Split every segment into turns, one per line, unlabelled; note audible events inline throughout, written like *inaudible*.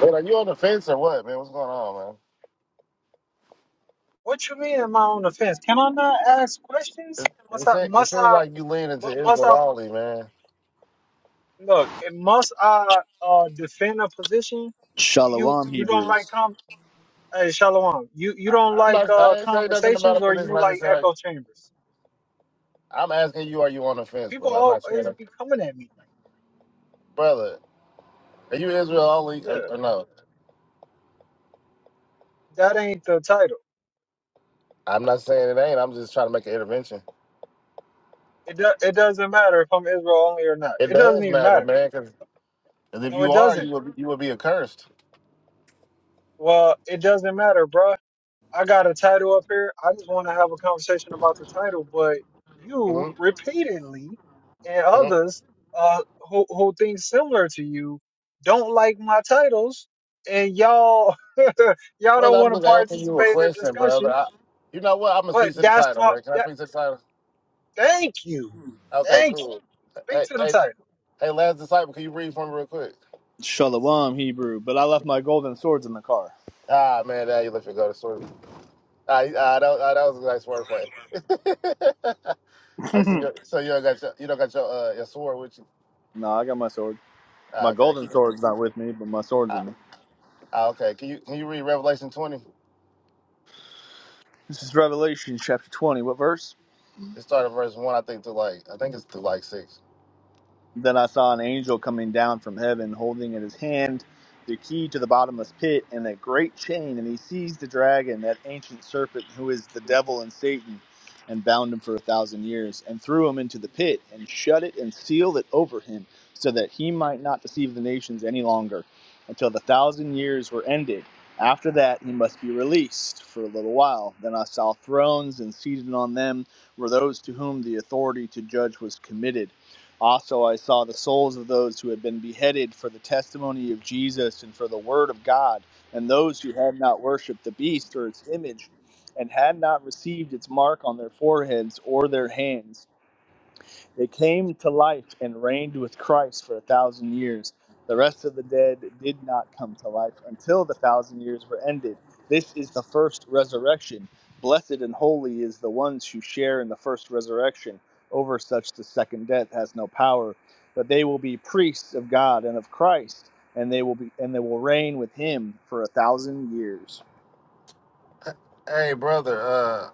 Man, are you on the fence or what, man? What's going on,
What you mean? Am I on the fence? Can I not ask
man?
questions?
It,
Must
it,
I?
seems, it
Must
seems
I?
like you lean into
mu- Must
Israel
I?
only, man.
Look, eh, must I uh, defend a position? You
Shalom
you don't like
Hebrews.
com? Hey, Shalom. You you
I,
don't
I'm
like
not.
uh,
I ain't saying nothing about
conversations,
a
or
position.
you
I
like
just said like,
echo chambers?
I'm asking you, are you on the fence,
People
brother? I'm not saying,
always
that.
be coming at me.
brother, are you Israel only
Like, yeah,
or, or no?
that ain't the title.
I'm not saying it ain't. I'm just trying to make an intervention.
It do, it doesn't matter if I'm Israel only or not.
It
It doesn't
does
even
matter,
matter.
man, because if
No,
you
it
are,
doesn't.
you would you would be accursed.
Well, it doesn't matter, bro. I got a title up here. I just want to have a conversation about the title, but you
hmm
repeatedly and
hmm
others uh, who, who think similar to you don't like my titles, and y'all *laughs* y'all
Brother,
don't
I'm
want to
just asking you a
participate in the
question, brother.
discussion.
I, you know what? I'm gonna
But
speak to the
that's
title,
my
man. Can I
that,
speak to the title?
thank you,
Okay,
thank you.
cool.
Speak
Hey,
to the
hey,
title.
Hey, last disciple, can you read for me real quick?
Shalom Hebrew. But I left my golden swords in the car.
Ah, man, now you left me go to sleep. Ah, you- ah, that, ah, that was a nice wordplay. *laughs*
*laughs*
I see.
no,
Your, so you don't got your, you don't got your uh, your sword with you.
I got my sword. My
Ah, okay.
golden
Can you-
sword's not with me, but my sword's with
Ah,
me.
ah, okay. Can you can you read Revelation twenty?
This is Revelation chapter 20. What verse?
It started verse one, I think, to like I think it's to like six.
Then I saw an angel coming down from heaven, holding in his hand the key to the bottomless pit and a great chain, and he seized the dragon, that ancient serpent who is the devil and Satan, and bound him for a thousand years, and threw him into the pit, and shut it and sealed it over him, so that he might not deceive the nations any longer, until the thousand years were ended. After that, he must be released for a little while. Then I saw thrones, and seated on them were those to whom the authority to judge was committed. Also, I saw the souls of those who had been beheaded for the testimony of Jesus and for the word of God, and those who had not worshipped the beast or its image, and had not received its mark on their foreheads or their hands. They came to life and reigned with Christ for a thousand years. The rest of the dead did not come to life until the thousand years were ended. This is the first resurrection. Blessed and holy is the ones who share in the first resurrection. Over such the second death has no power, but they will be priests of God and of Christ, and they will be and they will reign with him for a thousand years.
Hey, brother. Uh,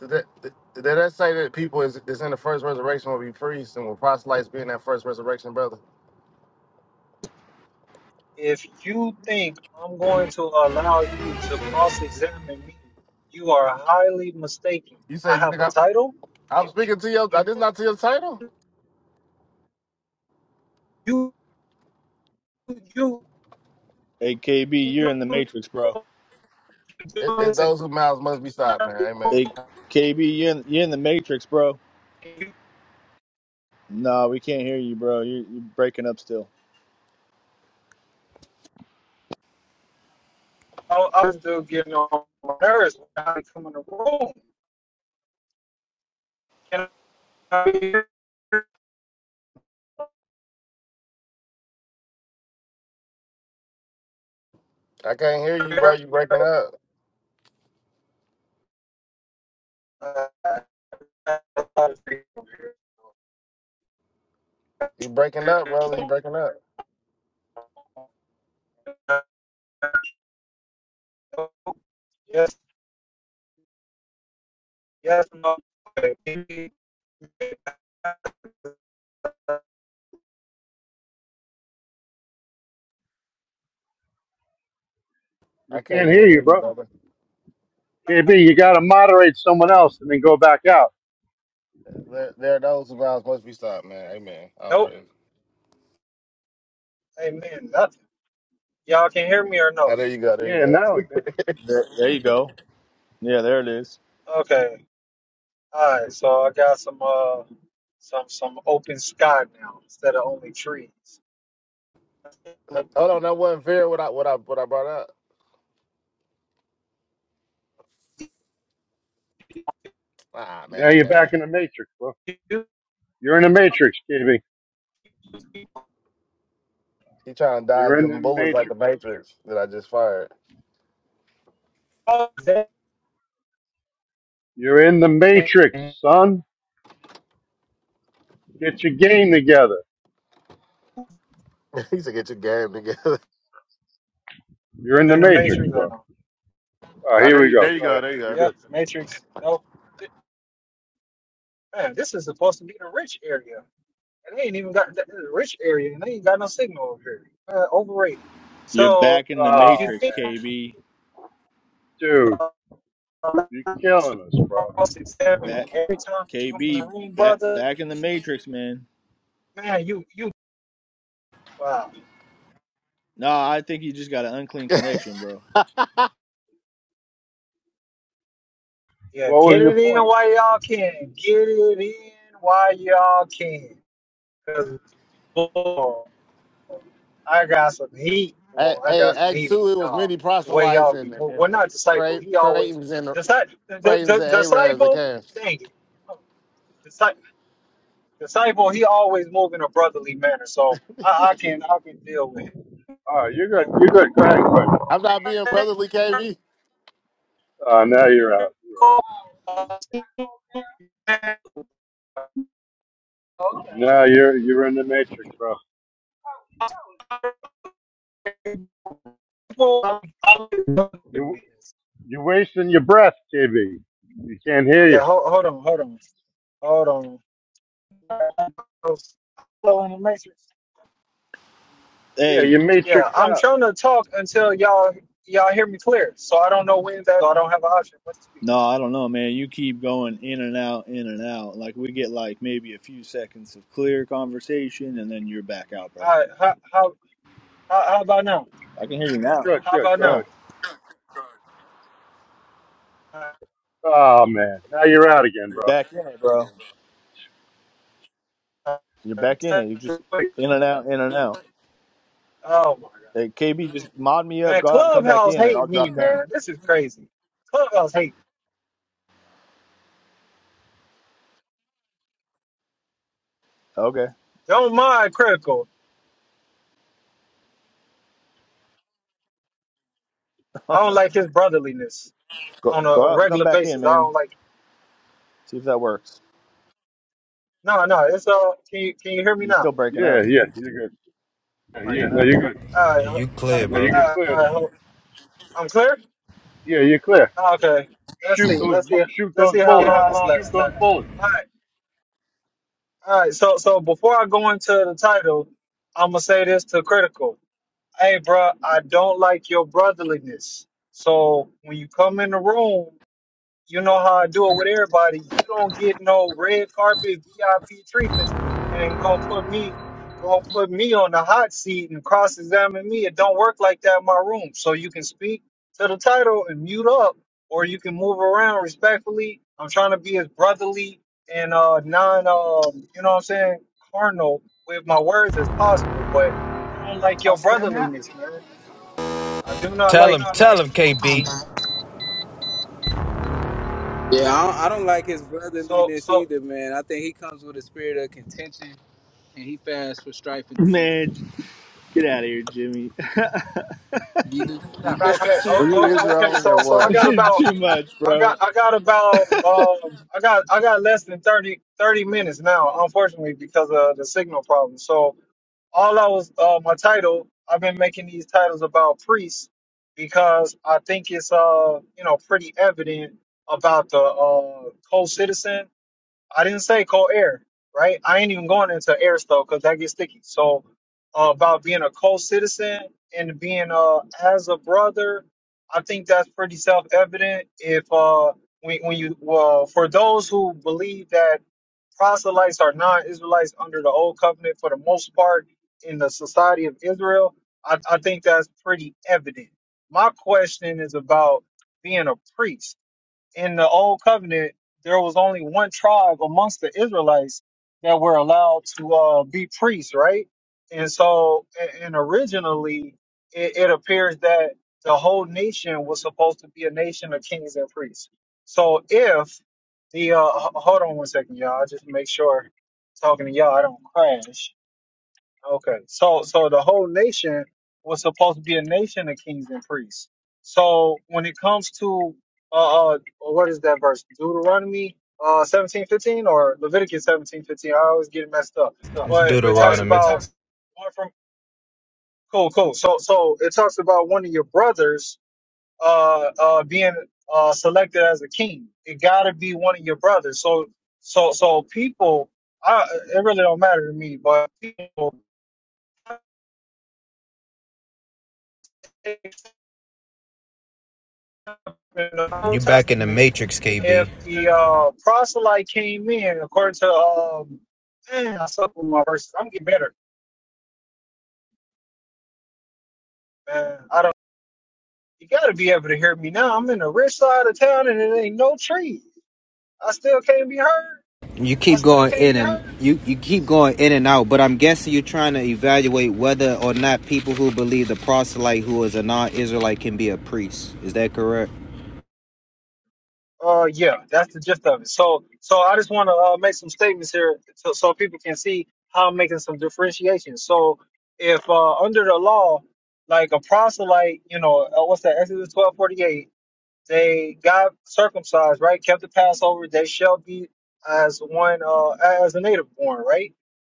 did that, did did that say that people is, is in the first resurrection will be priests and will proselytes be in that first resurrection, brother?
If you think I'm going to allow you to cross-examine me, you are highly mistaken.
You
I
said you
have
think
a
I'm,
title.
I'm
If
speaking to your. I
you
did not to your title.
You you
Hey KB, you're
know
in the
what
matrix, bro.
you're
It,
doing
it's
is
those whose mouths must be stopped, man. Amen.
Hey
important.
KB, you're in, you're in the matrix, bro.
You
No, we can't hear you, bro. You're, you're breaking up still.
know I was still getting on my nerves when I come in the room. Can I be
I can't hear you, bro.
heard?
You breaking up.
Uh,
You breaking up, brother. You breaking up.
Yes, yes, no.
I can't
Can't hear
even hear
you,
you,
bro.
brother.
KB, you got to moderate someone else and then go back out.
There, there are those whose mouths must be stopped, man. Amen. I'll
Nope.
pray.
Amen. Nothing. Y'all can hear me or
Now,
no?
there you go. There you
Yeah, now
go.
we can.
There, there you go. Yeah, there it is.
Okay. All right, so I got some uh some some open sky now instead of only trees.
Hold on. That wasn't fair. What I what I what I brought up. Ah,
Now
man.
you're
That
back in the matrix, bro. You're in the matrix, KB.
he trying to
You're
dodge
in the
them bullets like
matrix.
the Matrix that I just fired.
I'm
You're in the matrix,
in
son. Get your game together.
*laughs* he said, "Get your game together."
You're in the
the
matrix,
Matrix right
bro.
now.
All right,
Ah,
here
there
we
you
go.
there you
Go
go.
ahead.
There you
You're
go.
Yeah,
good.
Matrix. No, man, this is supposed to be the rich area, and they ain't even got the the rich area, and they ain't got no signal over here. Uh, overrated.
You're
So
back in the
Oh,
if you
matrix,
think
man.
KB.
Dude,
about
you're
to
killing us, bro.
cross examine me
Back,
every time you come in the
KB.
room,
Back,
brother,
back in the matrix, man.
man, you you wow.
No, I think you just got an unclean connection, bro.
Yeah,
What
get
was
it
your
in
point?
while y'all can. Get it in while y'all can. Cause boy, I got some heat.
Hey,
Boy, I
hey,
got some
Act
heat for
Two, it was
y'all.
many
The way
proselytes
y'all be
and, and,
moving.
and
Well, not disciple.
Cra-
He always
Cratans and
disciple.
Cratans and Arabs that
Disciple.
came.
Dang it. Disci- Disciple. He always move in a brotherly manner. So I, I can I can deal with him.
All right, you're good.
Yeah.
You're good. Go ahead. Go ahead.
I'm not being brotherly, KB.
Uh, now you're out. You're
Hold,
out. Now you're, you're in the matrix, bro. You're wasting your breath, KB. You can't hear you.
hold on. Hold on. Hold on. Hello in the matrix.
Yeah,
Hey,
you matrix
Yeah, I'm
out.
trying to talk until y'all y'all hear me clear. So I don't know when that. So I don't have an option but to speak.
no, I don't know, man. You keep going in and out, in and out. Like we get like maybe a few seconds of clear conversation, and then you're back out, bro.
All right, how how how, how about now?
I can hear you now.
Good,
How
good,
about now?
good.
Yeah,
Uh,
Oh man, now you're out again,
you're
bro.
back in it, bro. You're back in it. You just
wait,
in and out, in and out.
Oh my god,
Hey, KB, just mod me up.
man!
Go out and come back
Clubhouse
in, and I'll
hate me,
drop down.
man. This is crazy. Clubhouse hate. me.
Okay.
Don't mind critical. I don't like his brotherliness
Go
on a,
go
a
out and come
regular
back in,
basis. I
man.
don't like.
See if that works.
No, no, it's all. Can you can you hear me
You're
now?
still breaking up.
Yeah, yeah, you're good. No,
Yeah.
you're good.
All
Yeah,
right, all
you
right,
clear, Now bro.
You're clear
all
now.
right. I'm clear.
Yeah, you're clear.
Okay. Let's
Shoot
see.
those,
Let's
bu-
see.
shoot
Let's
those
see how
bullets.
long
how
this
long this
lasts.
goes for.
All right. All right. So so before I go into the title, I'm gonna say this to critical. Hey, bruh, I don't like your brotherliness. So when you come in the room, you know how I do it with everybody. You don't get no red carpet VIP treatment, and gonna put me gonna put me on the hot seat and cross examine me. It don't work like that in my room. So you can speak to the title and mute up, or you can move around respectfully. I'm trying to be as brotherly and uh non um you know what I'm saying carnal with my words as possible, but I don't like
I'll
your
stand that.
brotherliness, man. I do not
Tell him,
like it.
tell him, KB.
Yeah, I don't, I don't like his
So
brotherliness
so
either, man. I think he comes with a spirit of contention, and he fasts for strife
*laughs*
and debate.
Man, get out of here, Jimmy. *laughs*
You do, you,
That
okay
Roxy.
oh,
Are you
oh, okay
Israel and your
so so I
This
got
what?
is
about
too much,
I
bro.
got I got about um I got I got less than 30 30 minutes now, unfortunately, because of the signal problem. So all I was uh my title, I've been making these titles about priests because I think it's uh you know pretty evident about the uh co-citizen I didn't say cold air, right? I ain't even going into air stove because that gets sticky. So uh, about being a co-citizen and being uh as a brother, I think that's pretty self-evident. If uh when when you uh, for those who believe that proselytes are non-Israelites under the old covenant for the most part in the society of Israel, I, I think that's pretty evident. My question is about being a priest in the old covenant, there was only one tribe amongst the Israelites that were allowed to uh, be priests, right? And so, a- and originally, it, it appears that the whole nation was supposed to be a nation of kings and priests. So, if the uh, h- hold on one second, y'all, just make sure talking to y'all, I don't crash. Okay. So so the whole nation was supposed to be a nation of kings and priests. So when it comes to uh, uh what is that verse? Deuteronomy uh seventeen fifteen or Leviticus seventeen fifteen. I always get it messed up.
It's Right,
But it talks
Deuteronomy.
about one from cool, cool. So so it talks about one of your brothers uh uh being uh selected as a king. It gotta be one of your brothers. So so so people I it really don't matter to me, but people in the
You
Old
back in the
Testament,
matrix,
if
KB.
the uh, proselyte came in, according to um, man, I suck with my verses. I'm getting better. Man, I don't. You got to be able to hear me now. I'm in the rich side of town, and it ain't no trees. I still can't be heard.
You keep going in and you, you keep going in and out, but I'm guessing you're trying to evaluate whether or not people who believe the proselyte who is a non-Israelite can be a priest. Is that correct?
Uh, yeah, that's the gist of it. So, so I just want to uh, make some statements here, so, so people can see how I'm making some differentiation. So, if uh, under the law, like a proselyte, you know, uh, what's that? Exodus twelve forty eight They got circumcised, right? Kept the Passover. They shall be as one, uh, as a native born, right?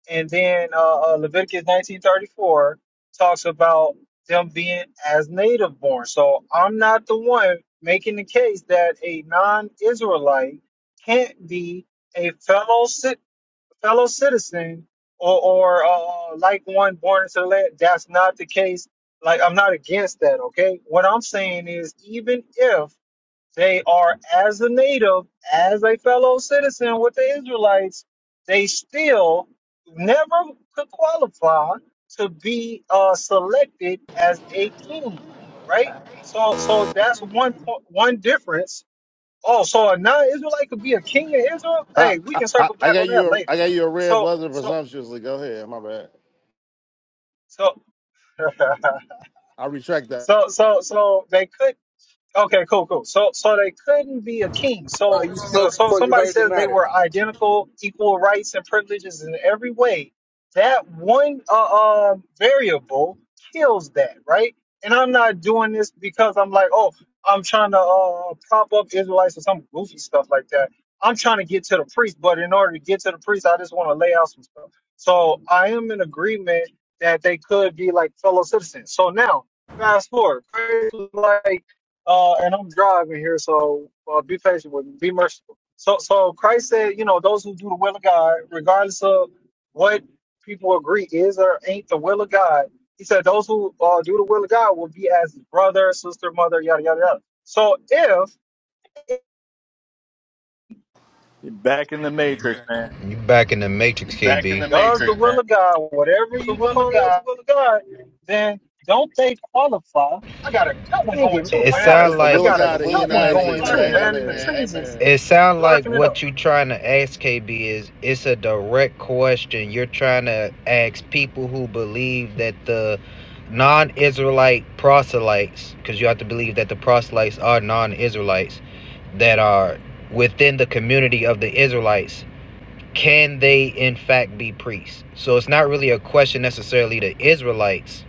And then uh, uh, Leviticus 19:34 talks about them being as native born. So I'm not the one making the case that a non-Israelite can't be a fellow cit- fellow citizen or, or uh, uh, like one born into the land. That's not the case like I'm not against that, okay? What I'm saying is even if they are as a native, as a fellow citizen with the Israelites, they still never could qualify to be uh, selected as a king, right? So, so that's one point, one difference. Oh, so a non-Israelite could be a king in Israel?
I,
Hey, we
I,
can
I
circle
I
back
got
on
you.
that
A, I
later.
got you a red
So,
buzzer
so,
presumptuously. Go ahead. My bad.
so, *laughs*
I retract that.
so, so, so they could. Okay, cool, cool. So, so they couldn't be a king.
*laughs* oh,
So,
you
uh,
spoke
so if
before you
somebody
heard the
says they
matter.
were identical, equal rights and privileges in every way. That one uh, um, variable kills that, right? And I'm not doing this because I'm like, oh, I'm trying to uh, prop up Israelites or some goofy stuff like that. I'm trying to get to the priest, but in order to get to the priest, I just want to lay out some stuff. So I am in agreement that they could be like fellow citizens. So now, fast forward, like uh, and I'm driving here, so uh, be patient with me. Be merciful. So, so Christ said, you know, those who do the will of God, regardless of what people agree is or ain't the will of God, he said, those who uh, do the will of God will be as his brother, sister, mother, yada yada yada. So, if it
You back in the matrix, K B. back in KB. the
does the
matrix,
will
man.
of God, whatever
The
you
will of
define
God.
as the will of God, then don't they qualify?
I got a good
Dang it,
going
man!
to It it,
I
man.
It's,
got a,
it's the
I
like
will of
got
Jesus.
a
It's the
God that
will
He
good
of
in the
one
God that he
going
Matrix,
the yeah.
too,
man.
man.
matrix,
And the
Amen.
man.
trees
Amen.
is
it sounds like
blocking it up.
what you trying to ask KB is it's a direct question. You're trying to ask people who believe that the non-Israelite proselytes, because you have to believe that the proselytes are non-Israelites that are within the community of the Israelites can they in fact be priests? So it's not really a question necessarily to Israelites.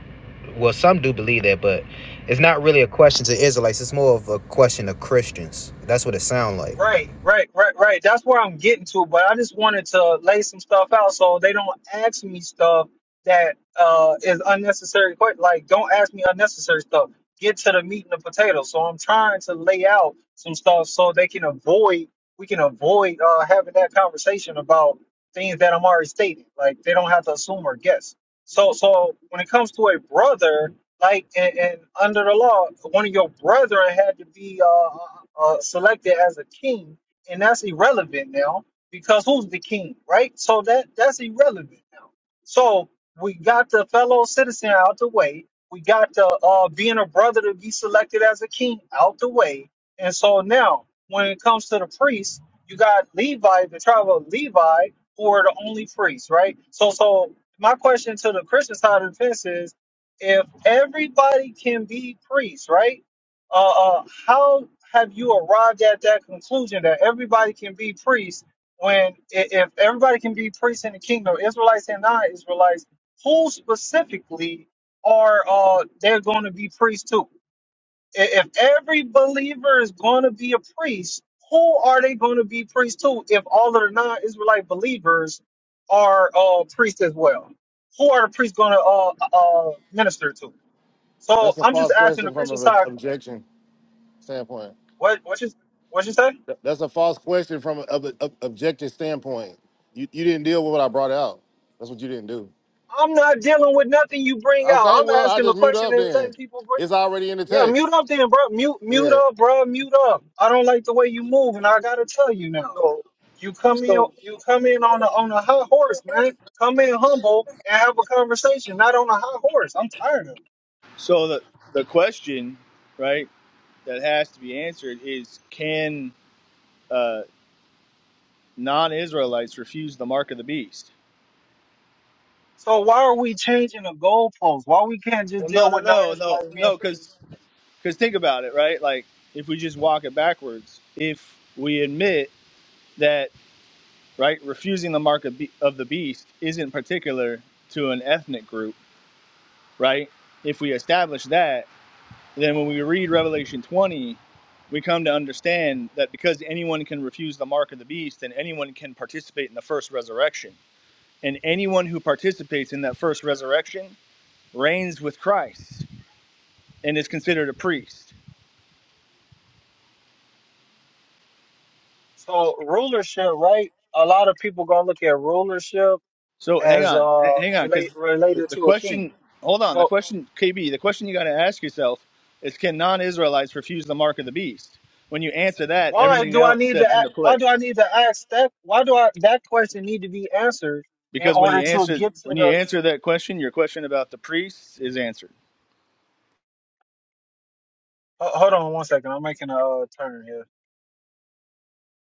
Well, some do believe that, but it's not really a question to Israelites. It's more of a question to Christians. That's what it sounds like.
Right, right, right, right. That's where I'm getting to, but I just wanted to lay some stuff out so they don't ask me stuff that uh is unnecessary. But like, don't ask me unnecessary stuff. Get to the meat and the potatoes. So I'm trying to lay out some stuff so they can avoid. We can avoid uh having that conversation about things that I'm already stating. Like they don't have to assume or guess. So, so when it comes to a brother, like and, and under the law, one of your brethren had to be uh, uh, uh, selected as a king, and that's irrelevant now because who's the king, right? So that that's irrelevant now. So we got the fellow citizen out the way. We got the uh, being a brother to be selected as a king out the way, and so now when it comes to the priests, you got Levi, the tribe of Levi, who are the only priests, right? So so my question to the Christian side of the fence is if everybody can be priests, right? Uh, uh, how have you arrived at that conclusion that everybody can be priests when i- if everybody can be priests in the kingdom, Israelites and non-Israelites, who specifically are uh, they're going to be priests to? I- If every believer is going to be a priest, who are they going to be priests to? If all of the non-Israelite believers are uh, priests as well, who are the priests going to uh, uh, minister to? So
That's a
I'm just
false
asking the
question from
Christian
an
side,
objection standpoint.
what what you what you say?
That- That's a false question from an ob- ob- objective standpoint. You you didn't deal with what I brought out. That's what you didn't do.
I'm not dealing with nothing you bring
Okay.
out. I'm
Well, I
asking the
just mute
question
up
and letting
then.
people bring.
It's already in the
Yeah,
text.
mute up then, bro. Mute mute
Yeah.
up, bro. Mute up. I don't like the way you move, and I gotta tell you now.
So
You come in
so
you come in on a on a high horse, man. Come in humble and have a conversation, not on a high horse. I'm tired of it.
So the the question, right, that has to be answered is can uh, non-Israelites refuse the mark of the beast?
So why are we changing the goalposts? Why we can't just
Well, no,
deal
no,
with
no, no,
non-Israelites being
no,
priests?
because think about it, right? Like if we just walk it backwards, if we admit that right refusing the mark of, be- of the beast isn't particular to an ethnic group right if we establish that then when we read revelation 20 we come to understand that because anyone can refuse the mark of the beast then anyone can participate in the first resurrection and anyone who participates in that first resurrection reigns with christ and is considered a priest
So rulership, right? A lot of people gonna look at rulership
So hang
as
on,
uh
h- hang on, because
relate
the,
related
the
to a king.
question, hold on, the
So
question, KB, the question you got to ask yourself is, can non-Israelites refuse the mark of the beast? When you answer that,
why
everything
do I
else
need to
steps
a-
into
why do
place.
I need to ask that why do I that question need to be answered in
Because when you
order to
answer
get to
when you
the
answer that question, your question about the priests is answered.
uh, hold on one second I'm making a uh, turn here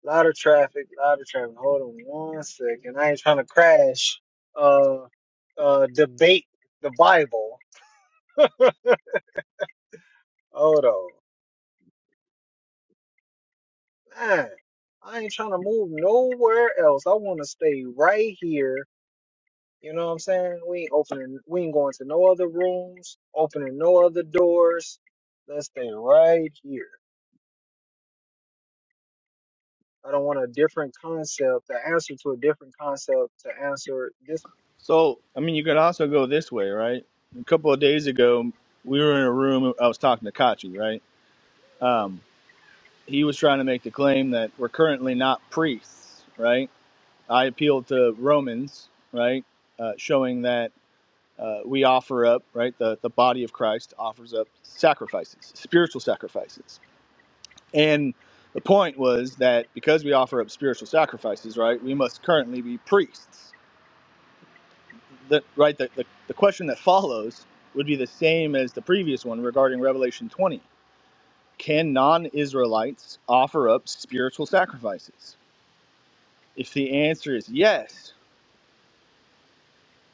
a lot of traffic a lot of traffic hold on one second I ain't trying to crash uh uh debate the Bible hold on man I ain't trying to move nowhere else I want to stay right here You know what I'm saying? We ain't opening, we ain't going to no other rooms, opening no other doors. Let's stay right here. I don't want a different concept, the answer to a different concept to answer this.
So I mean, you could also go this way, right? A couple of days ago, we were in a room. I was talking to Kachi, right? Um, he was trying to make the claim that we're currently not priests, right? I appealed to Romans, right, uh, showing that uh, we offer up, right, the, the body of Christ offers up sacrifices, spiritual sacrifices. And the point was that because we offer up spiritual sacrifices, right, we must currently be priests. The, right, the, the, the question that follows would be the same as the previous one regarding Revelation 20. Can non Israelites offer up spiritual sacrifices? If the answer is yes,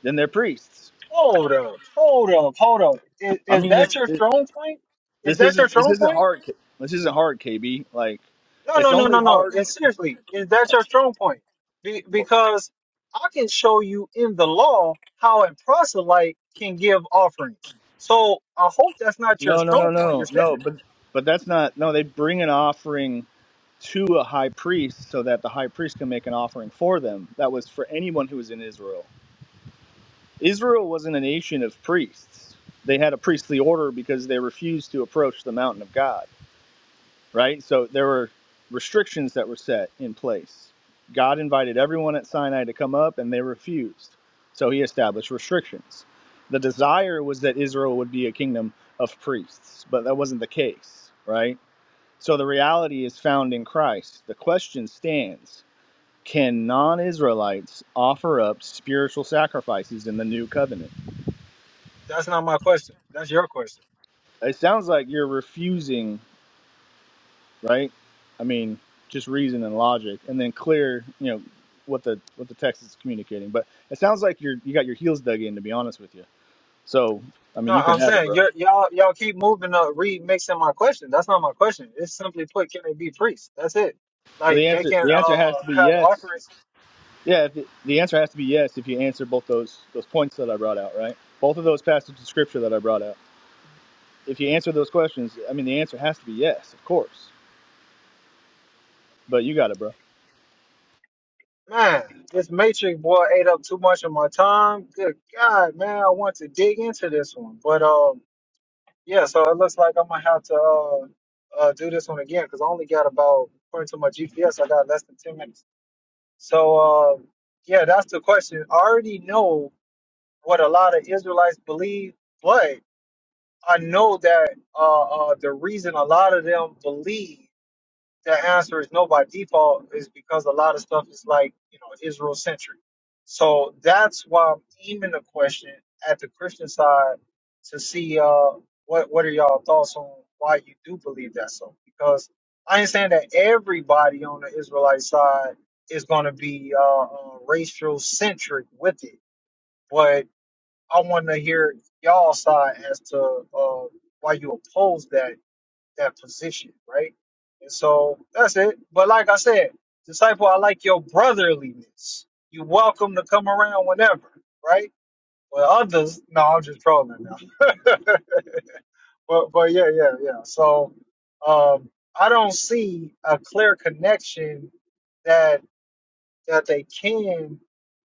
then they're priests.
Hold up, hold up, hold up. Is,
I
is
mean,
that your
this.
strong point? Is
This
that your
isn't this
strong
isn't
point?
hard. K- This isn't hard, KB. Like,
No,
it's
no, no,
only
no, no.
hard.
And seriously, is that your strong point? Be, because I can show you in the law how a proselyte can give offerings. So I hope that's not your
No, no,
strong
no,
point you're
no, no.
standing on.
But but that's not. No, they bring an offering to a high priest so that the high priest can make an offering for them. That was for anyone who was in Israel. Israel wasn't a nation of priests. They had a priestly order because they refused to approach the mountain of God. right? So there were restrictions that were set in place. God invited everyone at Sinai to come up, and they refused. So he established restrictions. The desire was that Israel would be a kingdom of priests, but that wasn't the case, right? So the reality is found in Christ. The question stands can non Israelites offer up spiritual sacrifices in the new covenant?
That's not my question. That's your question.
It sounds like you're refusing right? I mean, just reason and logic, and then clear, you know, what the what the text is communicating. But it sounds like you're you got your heels dug in, to be honest with you. So, I mean,
No,
you can
I'm
have it,
saying
bro.
you're, y'all y'all keep moving up, remixing my question. That's not my question. It's simply put, can they be priests? That's it.
Well, the
Like they
answer
can
the answer has to
uh
be
have
yes.
offerings.
Yeah, if it, the answer has to be yes if you answer both those those points that I brought out, right? Both of those passages of scripture that I brought out. If you answer those questions, I mean, the answer has to be yes, of course. But you got it, bro.
Man, this Matrix boy ate up too much of my time. Good God, man, I want to dig into this one, but um, yeah. So it looks like I'm gonna have to uh, uh do this one again because I only got about according to my GPS, I got less than ten minutes. So um, yeah, that's the question. I already know what a lot of Israelites believe, but I know that uh, uh, the reason a lot of them believe the answer is no by default is because a lot of stuff is like you know Israel centric. So that's why I'm aiming the question at the Christian side to see uh, what what are y'all thoughts on why you do believe that so because I ain't saying that everybody on the Israelite side is going to be uh, uh, racial centric with it, but I want to hear y'all side as to uh, why you oppose that that position, right? And so that's it. But like I said, disciple, I like your brotherliness. You welcome to come around whenever, right? But others, no, I'm just trolling now. *laughs* but but yeah, yeah, yeah. So um, I don't see a clear connection that that they can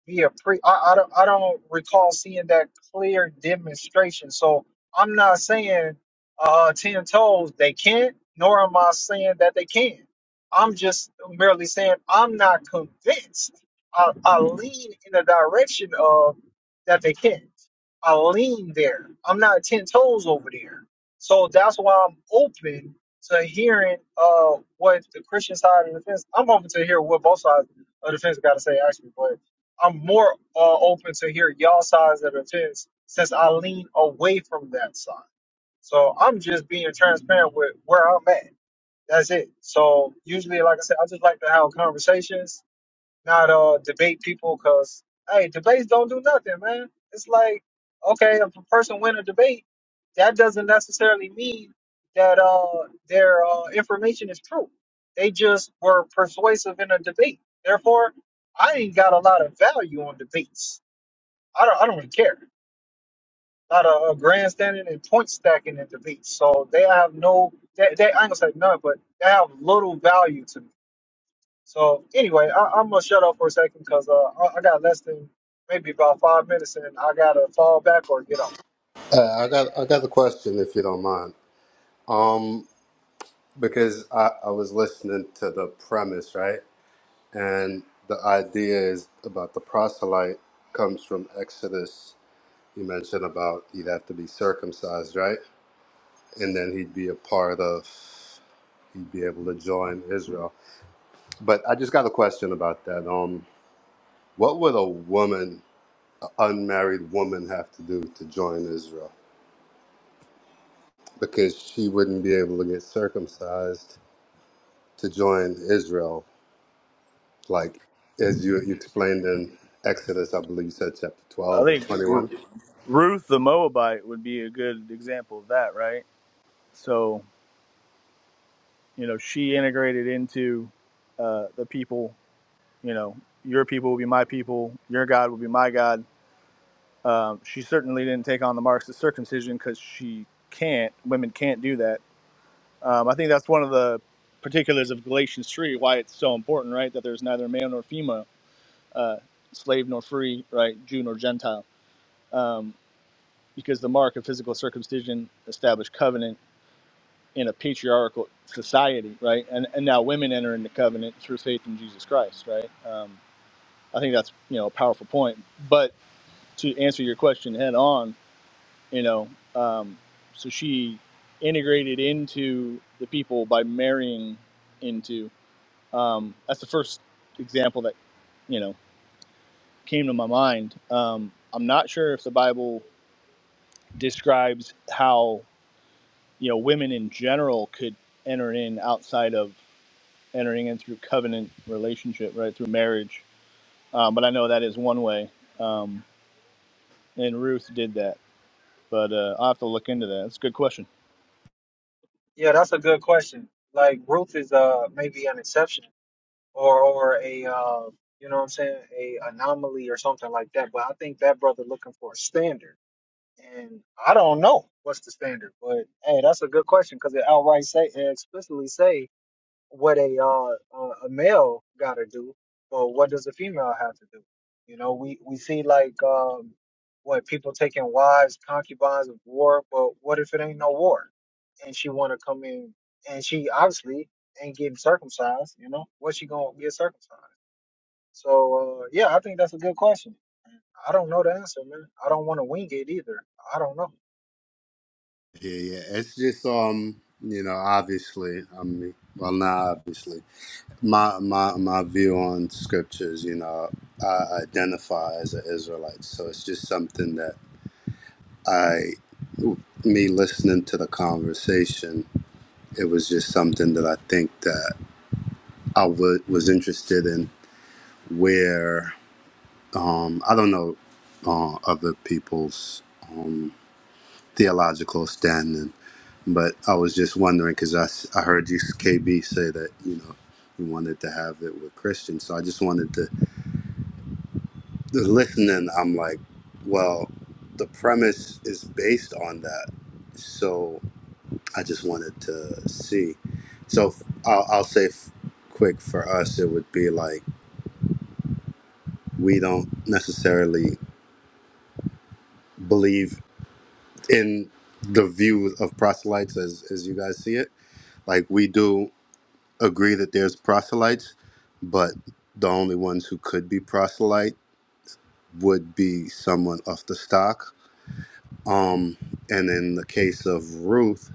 be a pre. I, I don't I don't recall seeing that clear demonstration. So I'm not saying uh, ten toes they can't, nor am I saying that they can. I'm just merely saying I'm not convinced. I, I lean in the direction of that they can't. I lean there. I'm not ten toes over there. So that's why I'm open to hearing uh, what the Christian side of the fence. I'm open to hear what both sides of the fence got to say actually, but I'm more uh, open to hear y'all sides of the fence since I lean away from that side. So I'm just being transparent with where I'm at. That's it. So usually, like I said, I just like to have conversations not uh debate people because hey, debates don't do nothing, man. It's like okay, if a person win a debate, that doesn't necessarily mean that uh their uh, information is true. They just were persuasive in a debate. Therefore, I ain't got a lot of value on debates. I don't. I don't really care. A lot of uh, grandstanding and point stacking in debates. So they have no. They, they I ain't gonna say none, but they have little value to me. So anyway, I, I'm gonna shut up for a second because uh, I, I got less than maybe about five minutes, and I gotta fall back or get off.
Uh, I got I got a question if you don't mind. Um, because I, I was listening to the premise, right? And the idea is about the proselyte comes from Exodus. You mentioned about he'd have to be circumcised, right? And then he'd be a part of he'd be able to join Israel. But I just got a question about that. Um, what would a woman, an unmarried woman, have to do to join Israel? Because she wouldn't be able to get circumcised to join Israel, like as you, you explained in Exodus, I believe you said chapter
I
12 or
think
21.
Ru- Ruth the Moabite would be a good example of that, right? So you know she integrated into uh, the people you know your people will be my people your god will be my god um, she certainly didn't take on the marks of circumcision because she can't women can't do that um, i think that's one of the particulars of galatians 3 why it's so important right that there's neither male nor female uh, slave nor free right jew nor gentile um, because the mark of physical circumcision established covenant in a patriarchal society, right? And and now women enter into covenant through faith in Jesus Christ, right? Um, I think that's you know a powerful point. But to answer your question head on, you know, um, so she integrated into the people by marrying into. Um, that's the first example that you know came to my mind. Um, I'm not sure if the Bible describes how you know women in general could enter in outside of entering in through covenant relationship, right through marriage. Um, but I know that is one way, um, and Ruth did that. But uh, I'll have to look into that. It's a good question.
Yeah, that's a good question. Like Ruth is uh maybe an exception or or a uh you know what I'm saying a anomaly or something like that. But I think that brother looking for a standard, and I don't know what's the standard. But hey, that's a good question because it outright say it explicitly say what a uh, uh, a male got to do, but what does a female have to do? You know, we we see like um, what people taking wives, concubines of war, but what if it ain't no war, and she want to come in, and she obviously ain't getting circumcised. You know, what she gonna get circumcised? So uh, yeah, I think that's a good question. I don't know the answer, man. I don't want to wing it either. I don't know.
Yeah, yeah. It's just, um, you know, obviously, I mean, well, not obviously. My, my, my view on scriptures, you know, I identify as an Israelite. So it's just something that I, me listening to the conversation, it was just something that I think that I wa- was interested in where Um, I don't know uh, other people's um, theological standing, but I was just wondering because I, s- I heard you, KB, say that, you know, you wanted to have it with Christians. So I just wanted to, the listening, I'm like, well, the premise is based on that. So I just wanted to see. So f- I'll, I'll say f- quick for us, it would be like, we don't necessarily believe in the view of proselytes as as you guys see it like we do agree that there's proselytes but the only ones who could be proselyte would be someone of the stock um and in the case of ruth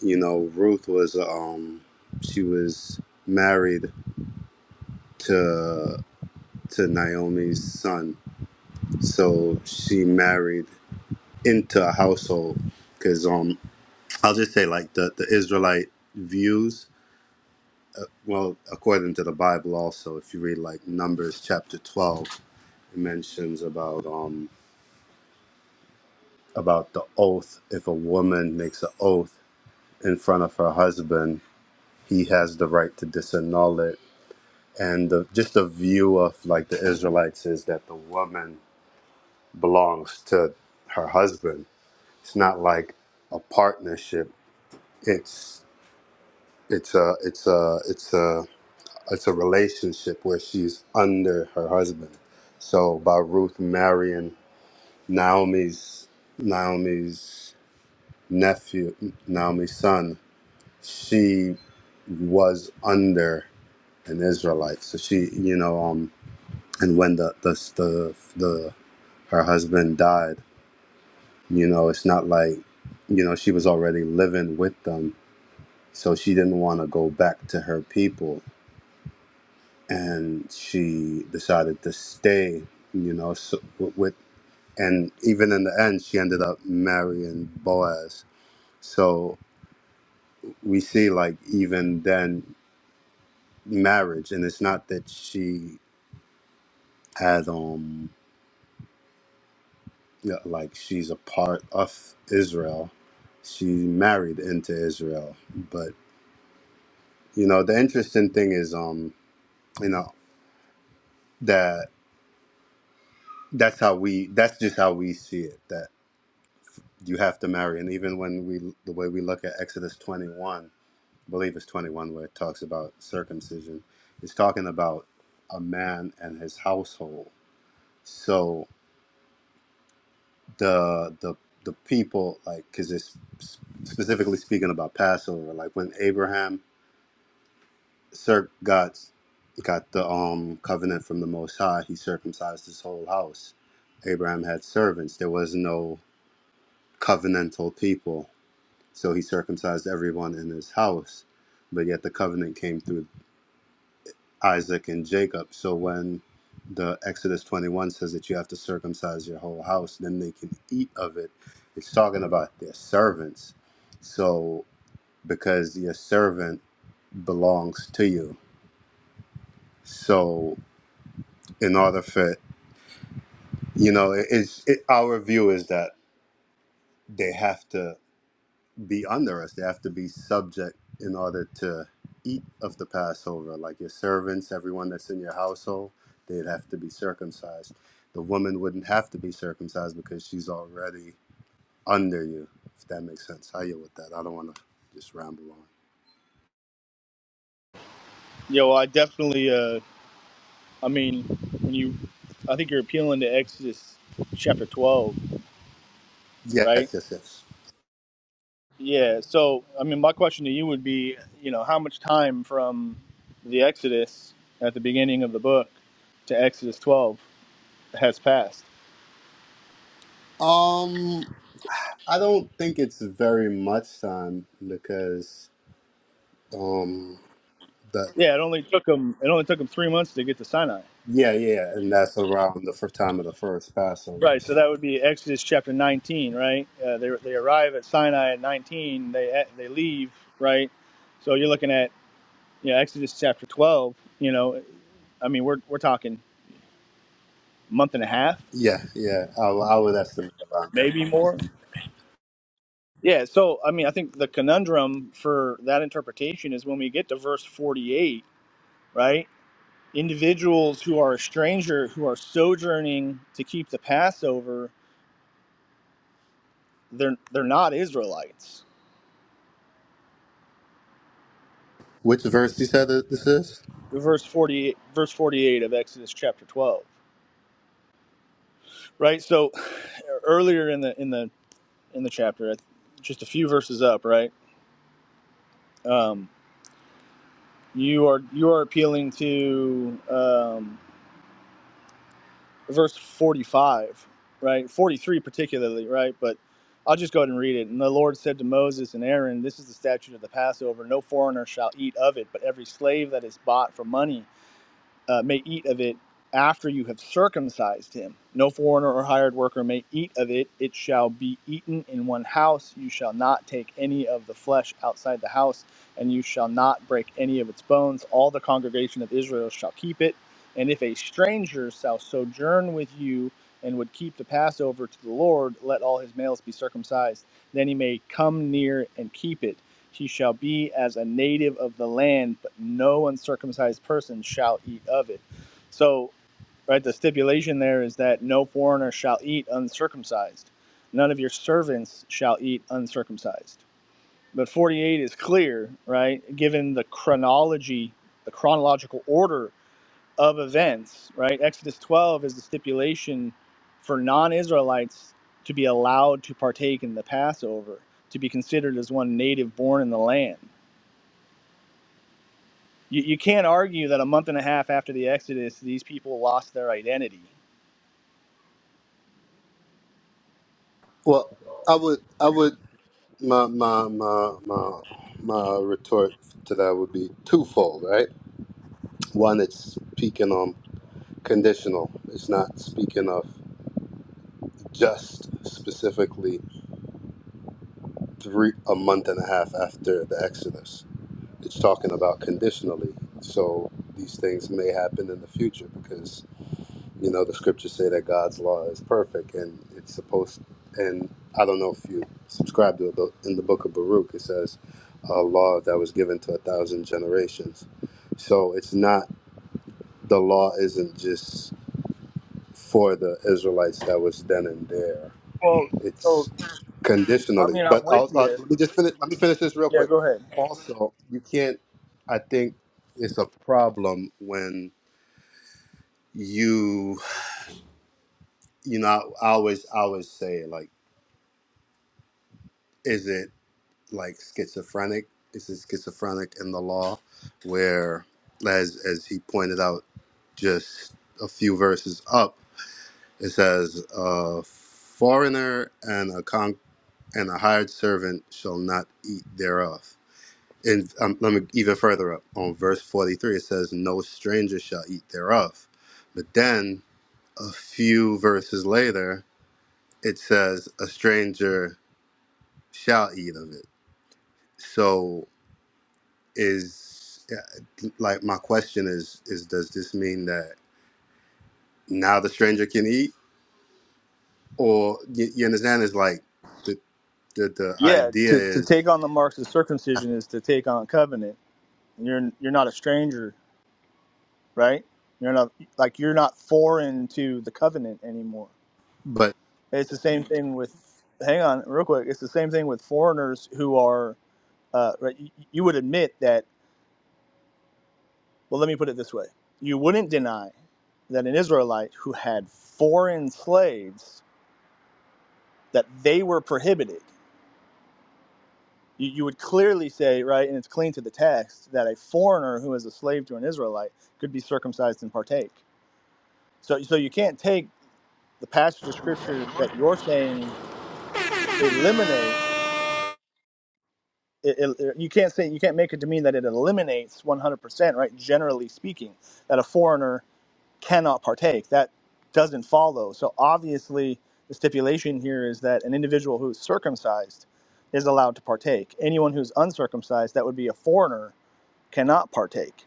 you know ruth was um she was married to to naomi's son so she married into a household because um i'll just say like the the israelite views Well, according to the Bible, also, if you read like Numbers chapter twelve, it mentions about um about the oath. If a woman makes an oath in front of her husband, he has the right to disannul it. And the, just the view of like the Israelites is that the woman belongs to her husband. It's not like a partnership. It's it's a it's a it's a it's a relationship where she's under her husband. So by Ruth marrying Naomi's Naomi's nephew, Naomi's son, she was under an Israelite. So she, you know, um, and when the the the, the her husband died, you know, it's not like, you know, she was already living with them. So she didn't want to go back to her people and she decided to stay, you know, so, with, and even in the end, she ended up marrying Boaz. So we see, like, even then, marriage, and it's not that she had, um, you know, like, she's a part of Israel. She married into Israel, but you know, the interesting thing is, um, you know, that that's how we, that's just how we see it. you have to marry. And even when we, the way we look at Exodus 21, I believe it's 21 where it talks about circumcision, it's talking about a man and his household. So the the the people, like, because it's specifically speaking about Passover, like when Abraham cir- got got the um covenant from the Most High, he circumcised his whole house. Abraham had servants. There was no covenantal people So he circumcised everyone in his house. But yet the covenant came through Isaac and Jacob. So when the Exodus 21 says that you have to circumcise your whole house, then they can eat of it. It's talking about their servants. So because your servant belongs to you. So in order for you know, it- it's it, our view is that they have to. be under us. They have to be subject in order to eat of the Passover, like your servants, everyone that's in your household, they'd have to be circumcised. The woman wouldn't have to be circumcised because she's already under you, if that makes sense. how you with that. I don't want to just ramble on.
Yeah, well, I definitely. Uh, I mean, when you, I think you're appealing to Exodus chapter twelve,
Yes,
right?
yes, yes.
Yeah. So, I mean, my question to you would be, you know, how much time from the Exodus at the beginning of the book to Exodus twelve has passed?
Um, I don't think it's very much time because um, the
Yeah, it only took them. It only took them three months to get to Sinai.
yeah, yeah, and that's around the first time of the first Passover.
Right, so that would be Exodus chapter 19, right? Uh, they, they arrive at Sinai at 19, they eh, they leave, right? So you're looking at you know, Exodus chapter 12, you know, I mean, we're, we're talking month and a half,
Yeah, yeah, I, I would estimate around that.
maybe more. Yeah, so I mean, I think the conundrum for that interpretation is when we get to verse 48, right? Individuals who are a stranger, who are sojourning to keep the Passover, they're, they're not Israelites
Which verse you said that this is?
verse 48 verse 48 of exodus chapter 12 right so earlier in the in the in the chapter just a few verses up right um you are you are appealing to um verse 45 right 43 particularly right but i'll just go ahead and read it and the lord said to moses and aaron this is the statute of the passover no foreigner shall eat of it but every slave that is bought for money uh, may eat of it after you have circumcised him. No foreigner or hired worker may eat of it. It shall be eaten in one house. You shall not take any of the flesh outside the house, and you shall not break any of its bones. All the congregation of Israel shall keep it. And if a stranger shall sojourn with you and would keep the Passover to the Lord, let all his males be circumcised. Then he may come near and keep it. He shall be as a native of the land, but no uncircumcised person shall eat of it. So, right, the stipulation there is that no foreigner shall eat uncircumcised. None of your servants shall eat uncircumcised. But 48 is clear, right? Given the chronology, the chronological order of events, right? Exodus 12 is the stipulation for non Israelites to be allowed to partake in the Passover, to be considered as one native born in the land. You, you can't argue that a month and a half after the Exodus, these people lost their identity.
Well, I would, I would, my, my, my, my, my retort to that would be twofold, right? One, it's speaking on conditional. It's not speaking of just specifically three a month and a half after the Exodus. It's talking about conditionally. So these things may happen in the future because You know, the scriptures say that God's law is perfect and it's supposed, and I don't know if you subscribe to it, but in the book of Baruch, it says a law that was given to a thousand generations. So it's not, the law isn't just for the Israelites that was then and there.
Well,
It's
so I
conditionally,
mean, I'm
but
with
I'll, uh,
you.
let me just finish, let me finish this real
Yeah,
quick.
go ahead.
Also, you can't, I think it's a problem when you you know, I always, I always say like. is it like schizophrenic? Is it schizophrenic in the law, where, as as he pointed out, just a few verses up, it says, "A foreigner and a con and a hired servant shall not eat thereof." And um, let me even further up on verse forty-three. It says, "No stranger shall eat thereof," but then a few verses later, it says, "A stranger shall eat of it." So is uh, like my question is is does this mean that now the stranger can eat or you, you understand is like the, the the
Yeah,
idea
to, to
is
take on the marks of circumcision is to take on covenant. You're you're not a stranger, right? You're not like you're not foreign to the covenant anymore.
but
It's the same thing with. Hang on, real quick. It's the same thing with foreigners who are. Uh, right, you, you would admit that Well, let me put it this way you wouldn't deny that an Israelite who had foreign slaves, that they were prohibited. You, you would clearly say, right, and it's clean to the text, that a foreigner who is a slave to an Israelite could be circumcised and partake. So, so you can't take the passage of scripture that you're saying eliminate. It, it- you can't say you can't make it to mean that it eliminates 100%, right? Generally speaking, that a foreigner cannot partake. That doesn't follow. So obviously, the stipulation here is that an individual who's circumcised is allowed to partake. Anyone who's uncircumcised, that would be a foreigner, cannot partake.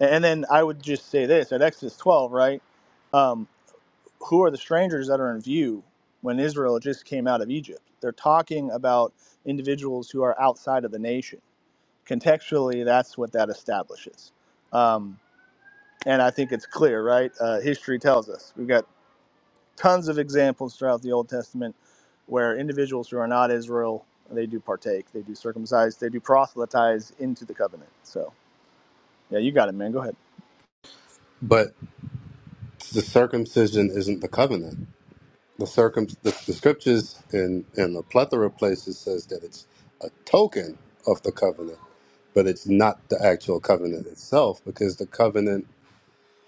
And then I would just say this at Exodus 12, right? Um, who are the strangers that are in view when Israel just came out of Egypt? They're talking about individuals who are outside of the nation. Contextually, that's what that establishes. Um, and I think it's clear, right? Uh, history tells us. We've got tons of examples throughout the Old Testament where individuals who are not Israel they do partake, they do circumcise, they do proselytize into the covenant. So yeah, you got it, man. Go ahead.
but the circumcision isn't the covenant the circum the, the scriptures in in a plethora of places says that it's a token of the covenant but it's not the actual covenant itself because the covenant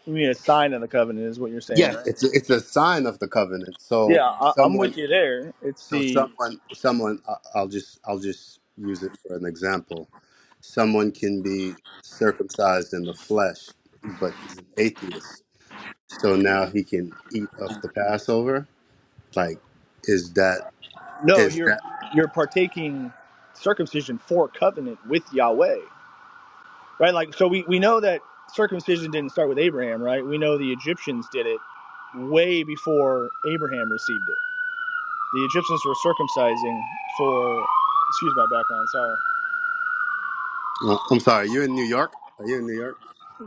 You mean a sign of the covenant is what you're saying,
yes
right?
it's a, it's a sign of the covenant so
Yeah, I, I'm
someone
with you there. It's
So
the
someone, someone, I- I'll just, I'll just use it for an example. Someone can be circumcised in the flesh, but he's an atheist. So now he can eat of the Passover. Like, is that,
no,
is
you're
that?
you're partaking circumcision for covenant with Yahweh, right? Like so, we we know that circumcision didn't start with Abraham, right? We know the Egyptians did it way before Abraham received it the Egyptians were circumcising for. Excuse my background. Sorry.
Uh, I'm sorry. You're in New York. Are you in New York?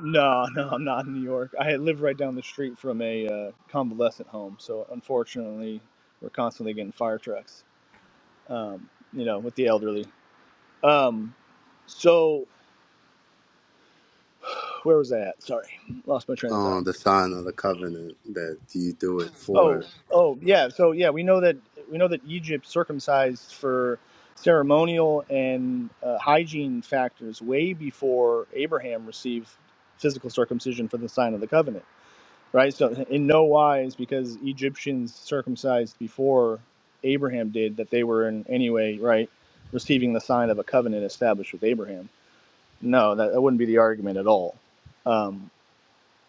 No, *laughs* no, I'm not in New York. I live right down the street from a uh, convalescent home, so unfortunately, we're constantly getting fire trucks. Um, you know, with the elderly. Um, so where was I at? Sorry, lost my train of thought.
Oh, the sign of the covenant that you do it for.
Oh, oh, yeah. So yeah, we know that we know that Egypt circumcised for ceremonial and uh, hygiene factors way before Abraham received physical circumcision for the sign of the covenant, right? So in no wise because Egyptians circumcised before Abraham did that they were in any way, right, receiving the sign of a covenant established with Abraham. No, that, that wouldn't be the argument at all. Um,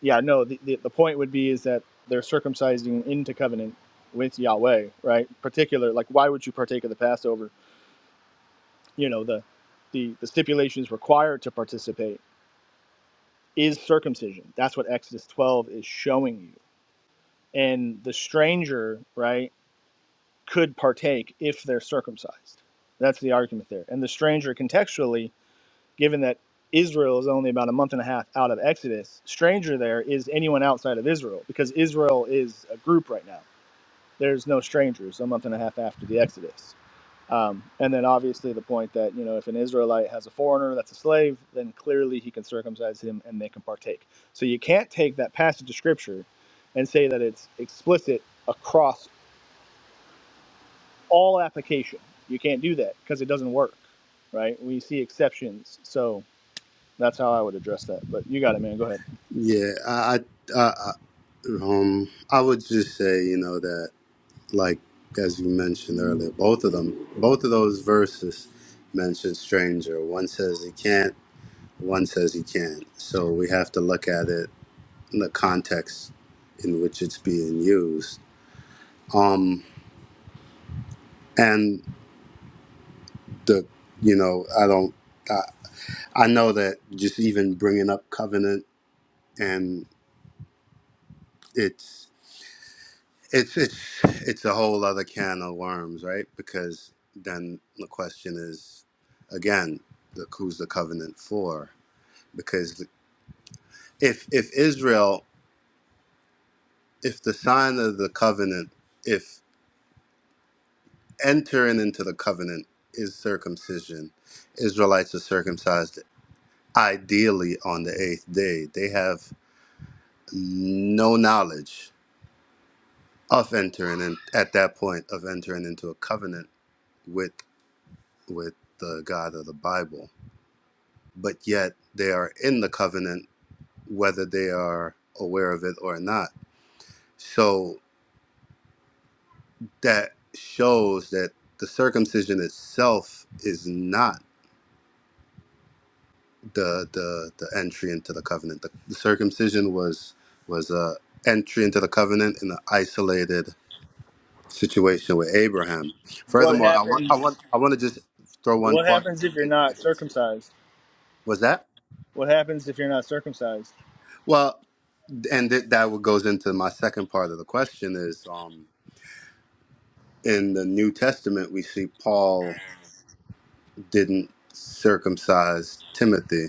yeah, no, the, the, the point would be is that they're circumcising into covenant with Yahweh, right? Particular, like why would you partake of the Passover? You know, the the, the stipulations required to participate is circumcision. That's what Exodus 12 is showing you. And the stranger, right, could partake if they're circumcised. That's the argument there. And the stranger contextually, given that Israel is only about a month and a half out of Exodus, stranger there is anyone outside of Israel because Israel is a group right now there's no strangers a month and a half after the Exodus. Um, and then obviously the point that, you know, if an Israelite has a foreigner that's a slave, then clearly he can circumcise him and they can partake. So you can't take that passage of scripture and say that it's explicit across all application. You can't do that because it doesn't work, right? We see exceptions. So that's how I would address that. But you got it, man. Go ahead.
Yeah, I, I, I I- um, I would just say, you know that. like as you mentioned earlier, both of them, both of those verses mention stranger. One says he can't, one says he can't. So we have to look at it in the context in which it's being used. Um, and the, you know, I don't, I, I know that just even bringing up covenant and it's, it's, it's, it's a whole other can of worms, right? Because then the question is, again, the, who's the covenant for? because if if Israel, if the sign of the covenant, if entering into the covenant is circumcision, Israelites are circumcised ideally on the eighth day. They have no knowledge of entering in at that point of entering into a covenant with with the God of the Bible. But yet they are in the covenant whether they are aware of it or not. So that shows that the circumcision itself is not the the, the entry into the covenant. The, the circumcision was was a entry into the covenant in an isolated situation with Abraham.
What
Furthermore, I want I
happens?
want I want to just throw one
What
point,
happens if you're
and you
not
can answer.
circumcised?
Was that
What happens if you're not circumcised?
well? And th- that what goes into my second part of the question is um, in the New Testament we see Paul didn't circumcise Timothy,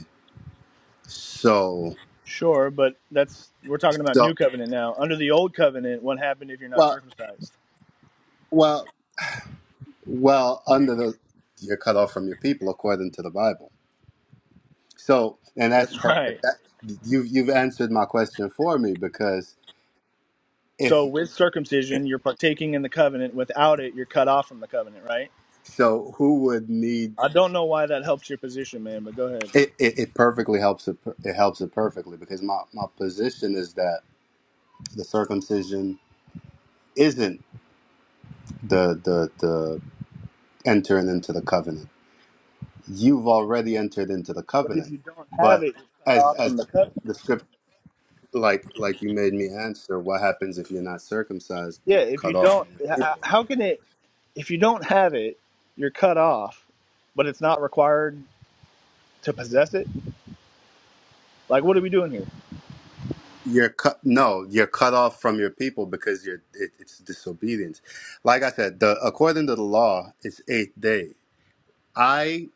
so.
Sure, but that's we're talking about
so
new covenant now. Under the old covenant, what happened if you're not
Well,
circumcised?
well, well. Under the, you're cut off from your people according to the Bible. So, and that's
That's right.
perfect. That you've you've answered my question for me because if
So with circumcision, you're partaking in the covenant. Without it, you're cut off from the covenant, right?
so, who would need
I don't know why that helps your position, man, but go ahead.
it? It, it perfectly helps it. per- It helps it perfectly because my my position is that the circumcision isn't the the the entering into the covenant. You've already entered into the
But if
covenant,
you don't have
but
it, you're cut
as
off
as
from the
the,
covenant.
the like like you made me answer what happens if you're not circumcised you
Yeah, if you
cut off from
don't h-
your
h-
people
how can it if you don't have it, you're cut off, but it's not required to possess it? Like what are we doing here?
you're cut no you're cut off from your people because you're it, it's disobedience like i said the according to the law it's eighth day i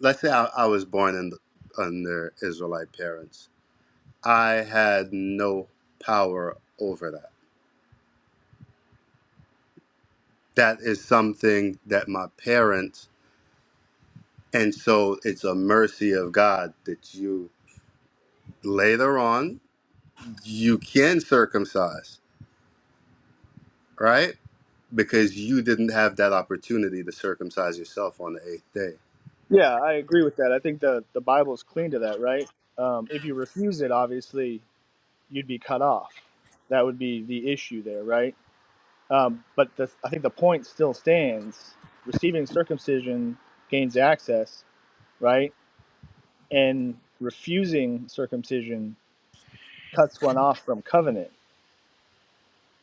let's say i, I was born in under israelite parents i had no power over that that is something that my parents and so it's a mercy of god that you later on you can circumcise, right? Because you didn't have that opportunity to circumcise yourself on the eighth day.
Yeah, I agree with that. I think the the Bible's clean to that, right? Um, if you refuse it, obviously you'd be cut off. That would be the issue there, right? Um, but the, I think the point still stands. Receiving circumcision gains access, right? And refusing circumcision cuts one off from covenant.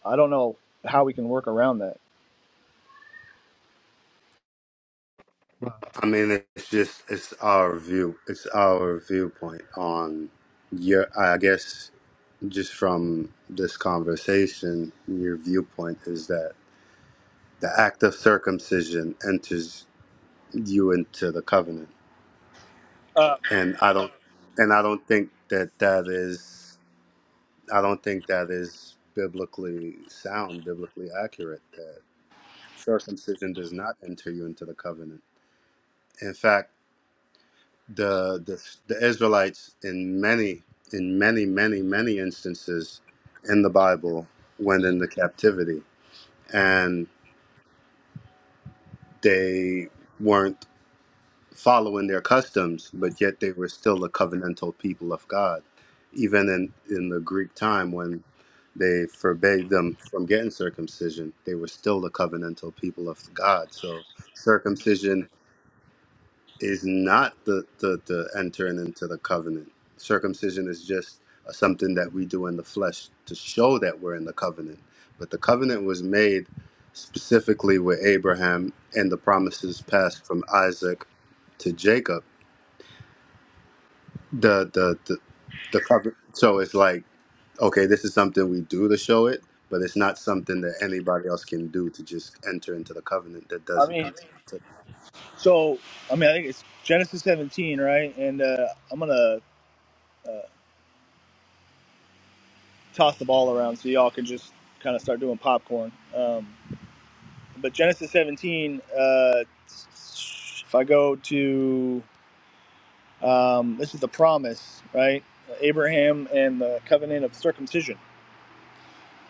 I don't know how we can work around that.
I mean, it's just it's our view, it's our viewpoint on your. I guess just from this conversation, your viewpoint is that the act of circumcision enters you into the covenant,
Uh,
and I don't, and I don't think that that is. I don't think that is biblically sound, biblically accurate. circumcision does not enter you into the covenant. In fact, the the, the Israelites in many in many many many instances in the Bible went into captivity and they weren't following their customs, but yet they were still a covenantal people of God. Even in, in the Greek time when they forbade them from getting circumcision, they were still the covenantal people of God. So circumcision is not the, the, the entering into the covenant. Circumcision is just something that we do in the flesh to show that we're in the covenant. But the covenant was made specifically with Abraham and the promises passed from Isaac to Jacob. The the the, the covenant. So it's like okay, this is something we do to show it, but it's not something that anybody else can do to just enter into the covenant that
I
doesn't
mean, so I mean, I think it's Genesis 17, right? And uh, I'm gonna toss the ball around so y'all can just kind of start doing popcorn. Um, but Genesis 17, uh, if I go to, um, this is the promise, right? Abraham and the covenant of circumcision.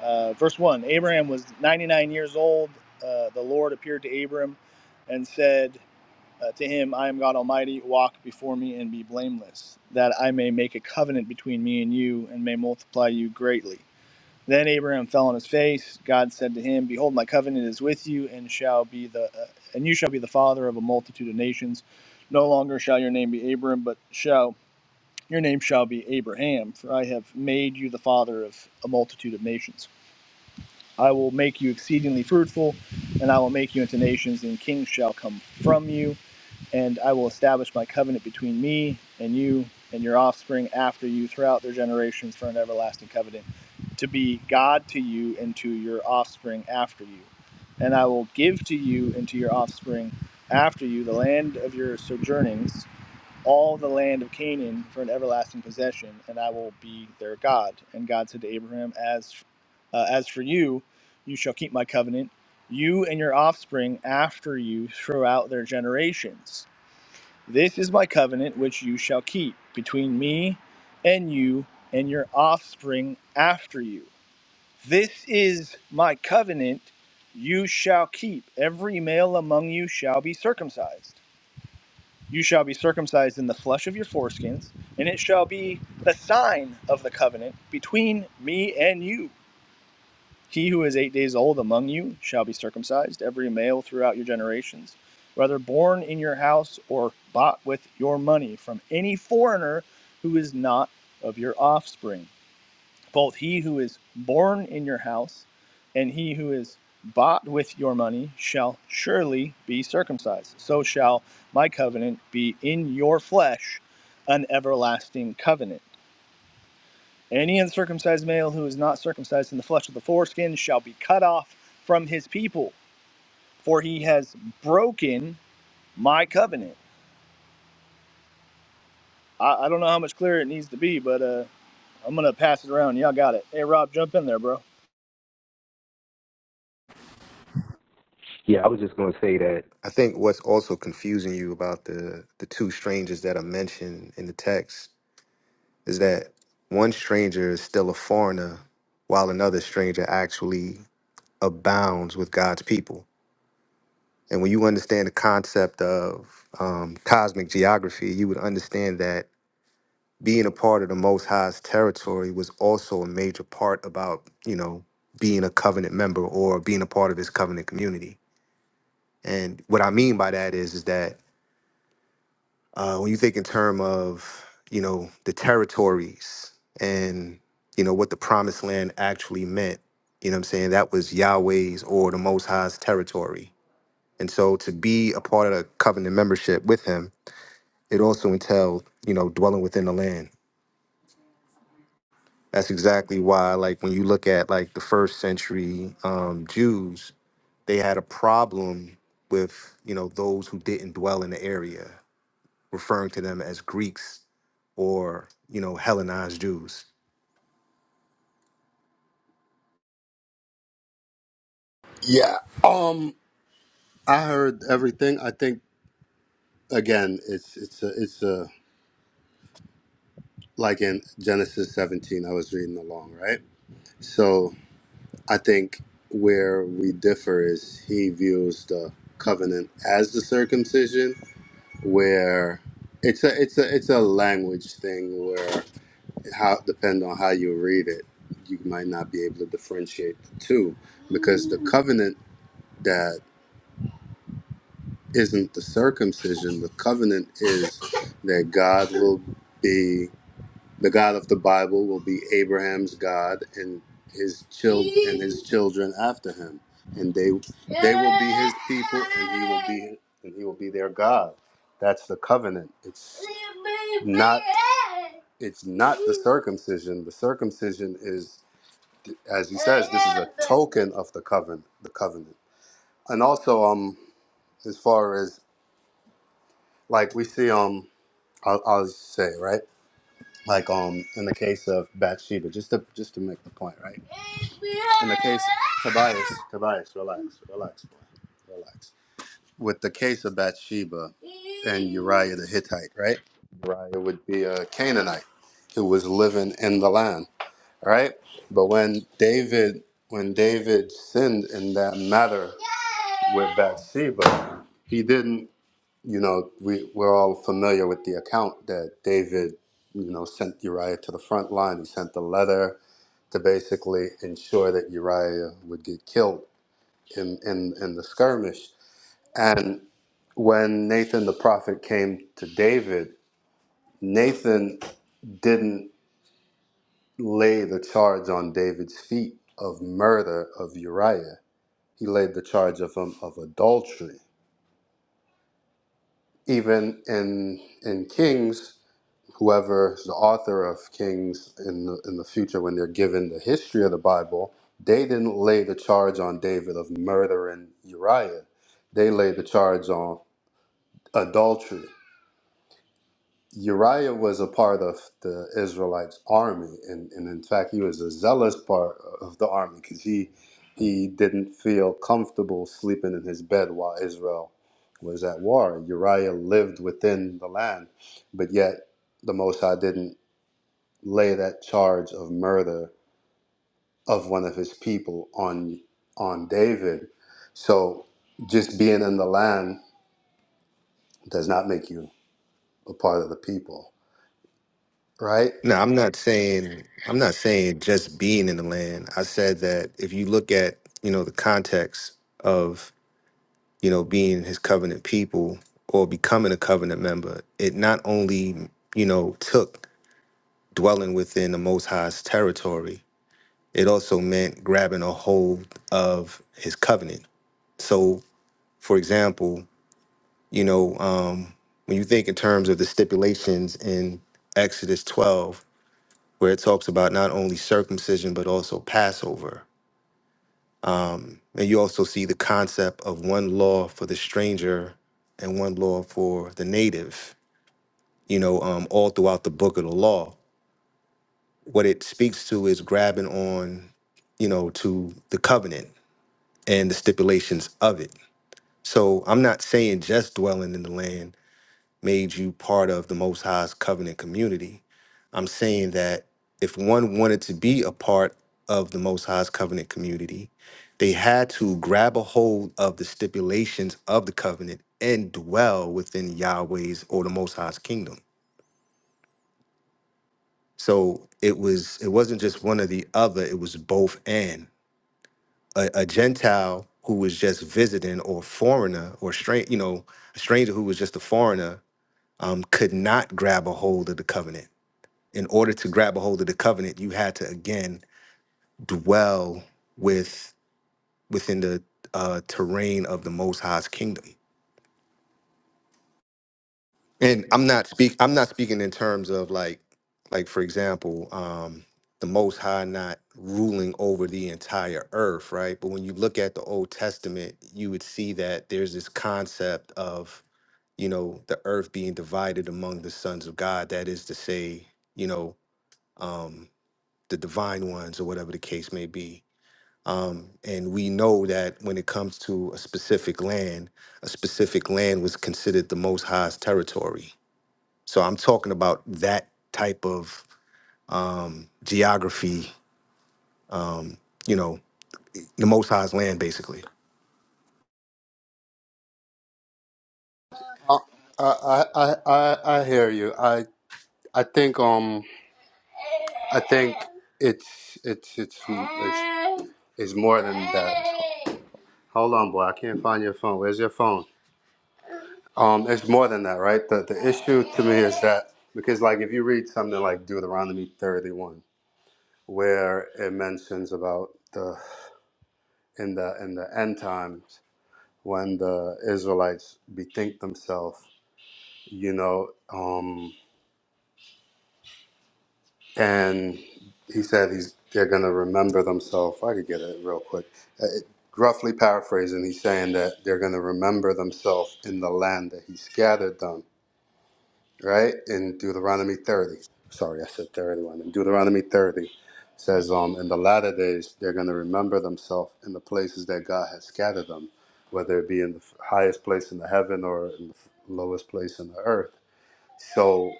Uh, verse 1 Abraham was 99 years old. Uh, the Lord appeared to Abram and said uh, to him, I am God Almighty, walk before me and be blameless, that I may make a covenant between me and you and may multiply you greatly. Then Abraham fell on his face. God said to him, Behold, my covenant is with you, and shall be the uh, and you shall be the father of a multitude of nations. No longer shall your name be Abram, but shall your name shall be Abraham, for I have made you the father of a multitude of nations. I will make you exceedingly fruitful, and I will make you into nations, and kings shall come from you and I will establish my covenant between me and you and your offspring after you throughout their generations for an everlasting covenant to be God to you and to your offspring after you. And I will give to you and to your offspring after you the land of your sojournings, all the land of Canaan for an everlasting possession, and I will be their God. And God said to Abraham, As, uh, as for you, you shall keep my covenant, you and your offspring after you throughout their generations this is my covenant which you shall keep between me and you and your offspring after you. This is my covenant you shall keep. Every male among you shall be circumcised. You shall be circumcised in the flesh of your foreskins, and it shall be the sign of the covenant between me and you. He who is eight days old among you shall be circumcised, every male throughout your generations, whether born in your house or bought with your money from any foreigner who is not of your offspring. Both he who is born in your house and he who is bought with your money shall surely be circumcised. So shall my covenant be in your flesh, an everlasting covenant. Any uncircumcised male who is not circumcised in the flesh of the foreskin shall be cut off from his people, for he has broken my covenant. I, I don't know how much clearer it needs to be, but uh, I'm going to pass it around. Y'all got it. Hey, Rob, jump in there, bro.
Yeah, I was just going to say that. I think what's also confusing you about the the two strangers that are mentioned in the text is that one stranger is still a foreigner, while another stranger actually abounds with God's people. And when you understand the concept of um, cosmic geography, you would understand that being a part of the Most High's territory was also a major part about you know being a covenant member or being a part of His covenant community. And what I mean by that is is that uh, when you think in term of you know the territories and you know what the promised land actually meant you know what i'm saying that was yahweh's or the most high's territory and so to be a part of the covenant membership with him it also entails you know dwelling within the land that's exactly why like when you look at like the first century um, jews they had a problem with you know those who didn't dwell in the area referring to them as Greeks or you know Hellenized Jews.
Yeah. Um. I heard everything. I think again, it's it's a, it's a like in Genesis 17 I was reading along, right? So I think where we differ is he views the covenant as the circumcision where it's a it's a it's a language thing where how depend on how you read it you might not be able to differentiate the two because the covenant that isn't the circumcision the covenant is that God will be The God of the Bible will be Abraham's God and his child and his children after him, and they they will be his people, and he will be and he will be their God. That's the covenant. It's not it's not the circumcision. The circumcision is, as he says, this is a token of the covenant. The covenant, and also um, as far as like we see um, I'll, I'll say right. like um in the case of Bathsheba, just to just to make the point, right? In the case Tobias, Tobias, relax, relax, boy, relax. With the case of Bathsheba and Uriah the Hittite, right? Uriah would be a Canaanite who was living in the land, all right? But when David when David sinned in that matter with Bathsheba, he didn't you know, we, we're all familiar with the account that David, you know, sent Uriah to the front line. He sent the letter to basically ensure that Uriah would get killed in, in, in the skirmish. And when Nathan the prophet came to David, Nathan didn't lay the charge on David's feet of murder of Uriah. He laid the charge of him of adultery. Even in in Kings, whoever is the author of Kings in the, in the future, when they're given the history of the Bible, they didn't lay the charge on David of murdering Uriah. They laid the charge on adultery. Uriah was a part of the Israelites' army, and, and in fact, he was a zealous part of the army because he he didn't feel comfortable sleeping in his bed while Israel was at war. Uriah lived within the land, but yet the Most High didn't lay that charge of murder of one of his people on on David. So just being in the land does not make you a part of the people, right?
No, I'm not saying I'm not saying just being in the land. I said that if you look at you know the context of you know being His covenant people or becoming a covenant member, it not only you know took dwelling within the Most High's territory, it also meant grabbing a hold of His covenant. So, for example. You know, um, when you think in terms of the stipulations in Exodus 12, where it talks about not only circumcision, but also Passover. Um, and you also see the concept of one law for the stranger and one law for the native, you know, um, all throughout the book of the law. What it speaks to is grabbing on, you know, to the covenant and the stipulations of it. So I'm not saying just dwelling in the land, made you part of the Most High's covenant community. I'm saying that if one wanted to be a part of the Most High's covenant community, they had to grab a hold of the stipulations of the covenant and dwell within Yahweh's or the Most High's kingdom. So it was it wasn't just one or the other, it was both and a, a Gentile who was just visiting or foreigner or strange, you know, a stranger who was just a foreigner um, could not grab a hold of the covenant in order to grab a hold of the covenant, you had to again dwell with within the uh, terrain of the Most High's kingdom. And I'm not speak. I'm not speaking in terms of like, like for example, um, the Most High not ruling over the entire earth, right? But when you look at the Old Testament, you would see that there's this concept of you know the earth being divided among the sons of God. That is to say, you know, um, the divine ones or whatever the case may be Um, and we know that when it comes to a specific land, a specific land was considered the Most High's territory. So I'm talking about that type of um, geography. Um, you know, the Most High's land, basically.
I I I, I I hear you. I I think um I think it's it's it's it's, it's more than that. Hold on, boy. I can't find your phone. Where's your phone? Um, it's more than that, right? The the issue to me is that because like if you read something like Deuteronomy 31 where it mentions about the in the in the end times when the Israelites bethink themselves, you know, um, and he said he's they're gonna remember themselves. I could get it real quick. Uh, It, roughly paraphrasing, he's saying that they're gonna remember themselves in the land that he scattered them right? In Deuteronomy 30. Sorry, I said 31. In Deuteronomy 30 it says, um, in the latter days, they're going to remember themselves in the places that God has scattered them, whether it be in the highest place in the heaven or in the lowest place in the earth. So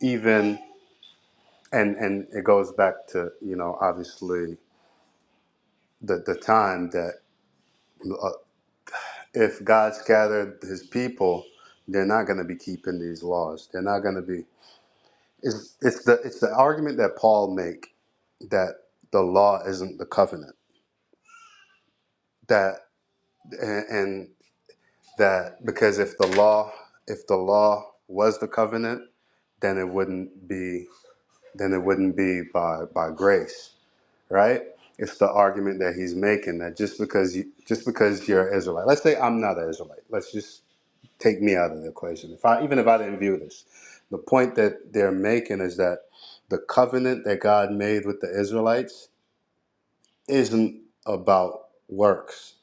even, and, and it goes back to, you know, obviously the, the time that uh, if God scattered his people, they're not going to be keeping these laws. They're not going to be. It's, it's the it's the argument that Paul make that the law isn't the covenant that and, and that because if the law if the law was the covenant then it wouldn't be then it wouldn't be by by grace right it's the argument that he's making that just because you just because you're an Israelite let's say I'm not an Israelite let's just take me out of the equation. If I even if I didn't view this, the point that they're making is that the covenant that God made with the Israelites isn't about works.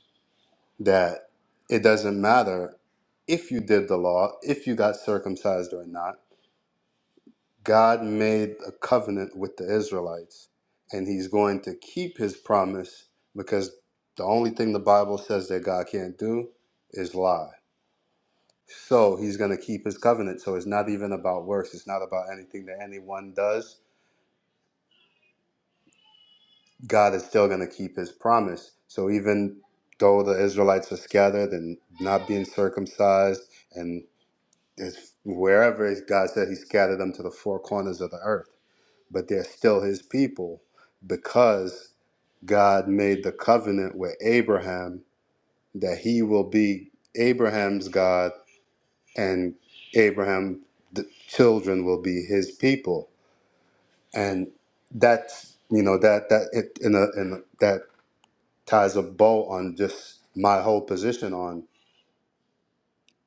That it doesn't matter if you did the law, if you got circumcised or not. God made a covenant with the Israelites, and He's going to keep His promise because the only thing the Bible says that God can't do is lie. So he's going to keep his covenant. So it's not even about works. It's not about anything that anyone does. God is still going to keep his promise. So even though the Israelites are scattered and not being circumcised, and it's wherever God said he scattered them to the four corners of the earth, but they're still his people because God made the covenant with Abraham that he will be Abraham's God and Abraham, the children will be his people, and that's you know that that it in a in a, that ties a bow on just my whole position on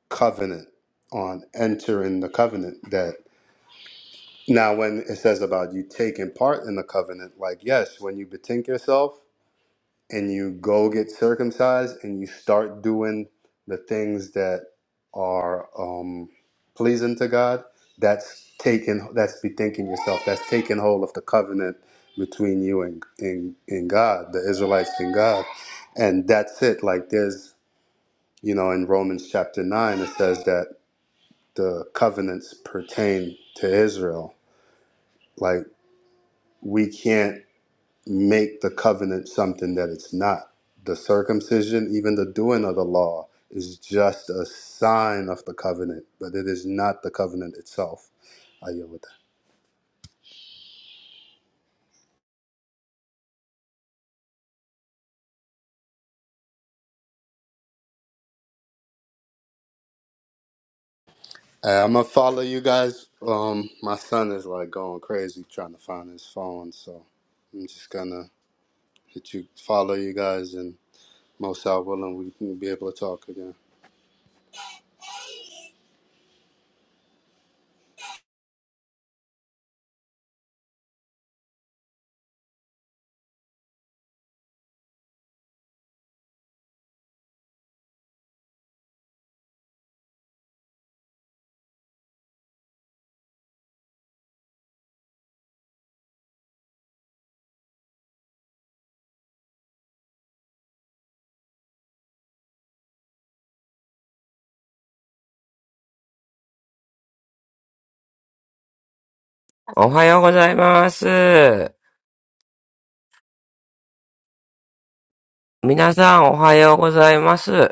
covenant, on entering the covenant. That now when it says about you taking part in the covenant, like yes, when you betink yourself and you go get circumcised and you start doing the things that are um, pleasing to God, that's taking that's bethinking yourself. That's taking hold of the covenant between you and in in God, the Israelites and God, and that's it. Like there's you know in Romans chapter nine it says that the covenants pertain to Israel. Like we can't make the covenant something that it's not. The circumcision, even the doing of the law, is just a sign of the covenant, but it is not the covenant itself. I yield with that. Hey, I'm gonna follow you guys. Um, my son is like going crazy trying to find his phone, so I'm just gonna hit you, follow you guys, and most out willing, we can be able to talk again.
Good morning, everyone.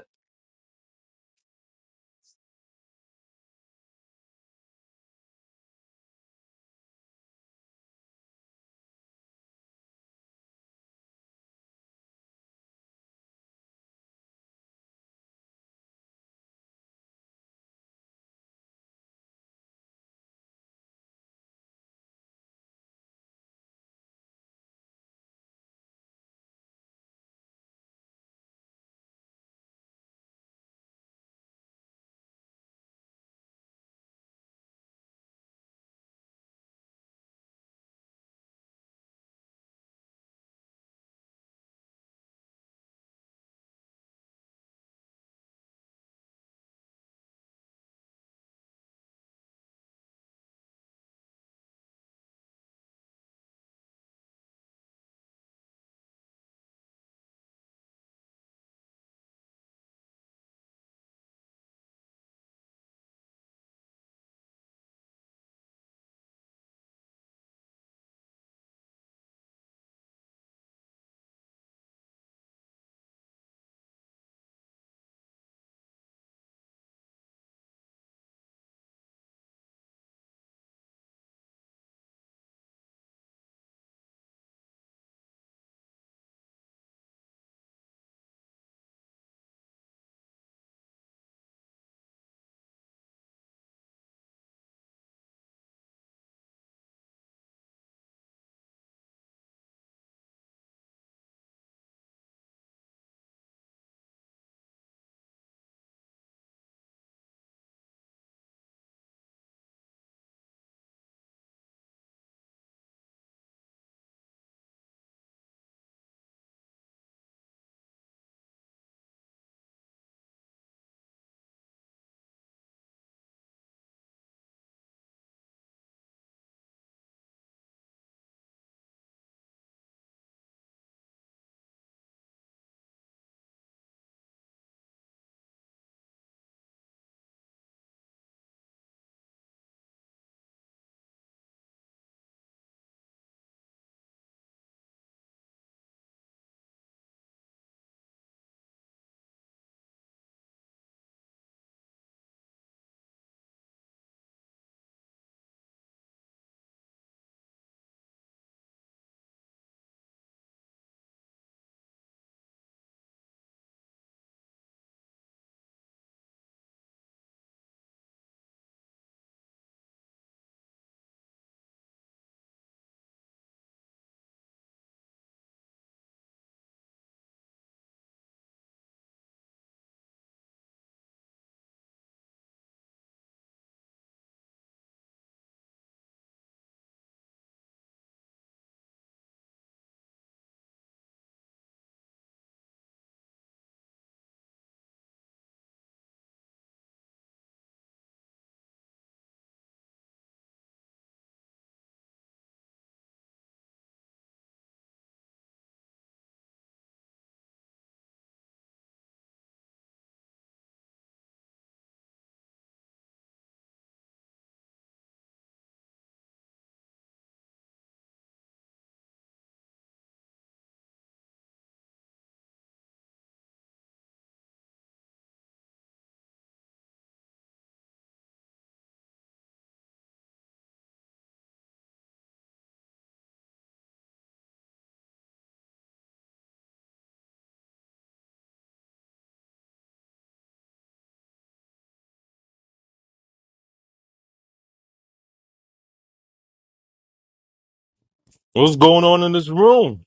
What's going on in this room?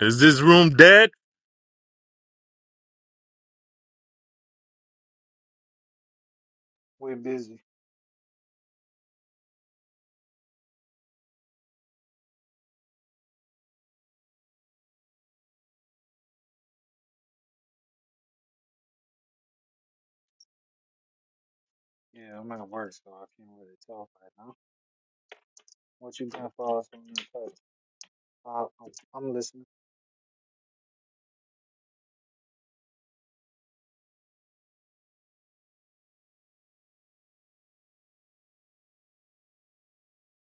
Is this room dead?
We're busy. Yeah, I'm at work, so I can't really talk right now. What you got for us on that topic? Uh, I'm I'm listening.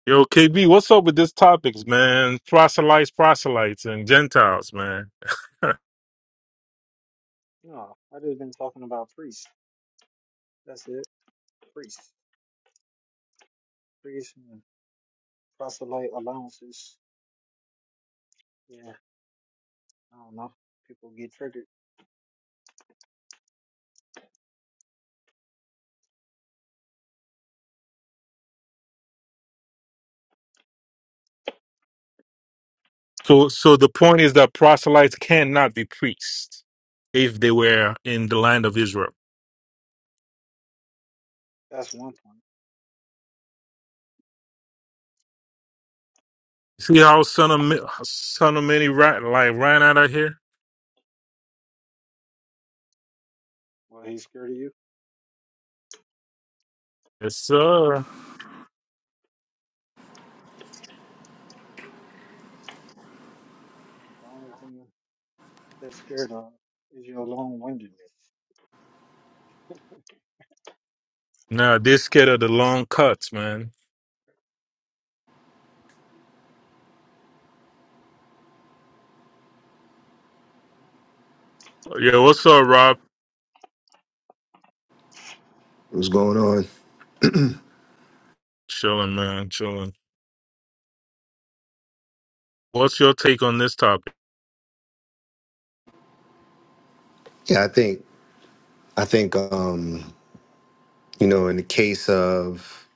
Yo, KB, what's up with this topics, man? Proselytes, proselytes, and Gentiles, man.
No, I just been talking about priests. That's it. Priests, priests, and proselyte allowances. Yeah, I don't know. People get triggered.
So, so the point is that proselytes cannot be priests if they were in the land of Israel.
That's one point.
See how son of Ma- son of many ran, like ran out of here?
Well, he's scared of you.
Yes, sir.
The only thing they're scared of is your long-windedness.
Nah, they scared of the long cuts, man. Yeah, what's up, Rob?
What's going on?
Chilling, man, chilling. What's your take on this topic?
Yeah, I think I think um, you know, in the case of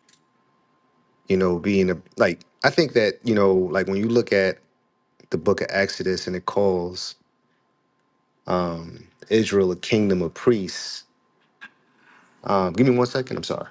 you know being a like, I think that you know, like when you look at the Book of Exodus and it calls um, Israel a kingdom of priests Um, give me one second. I'm sorry.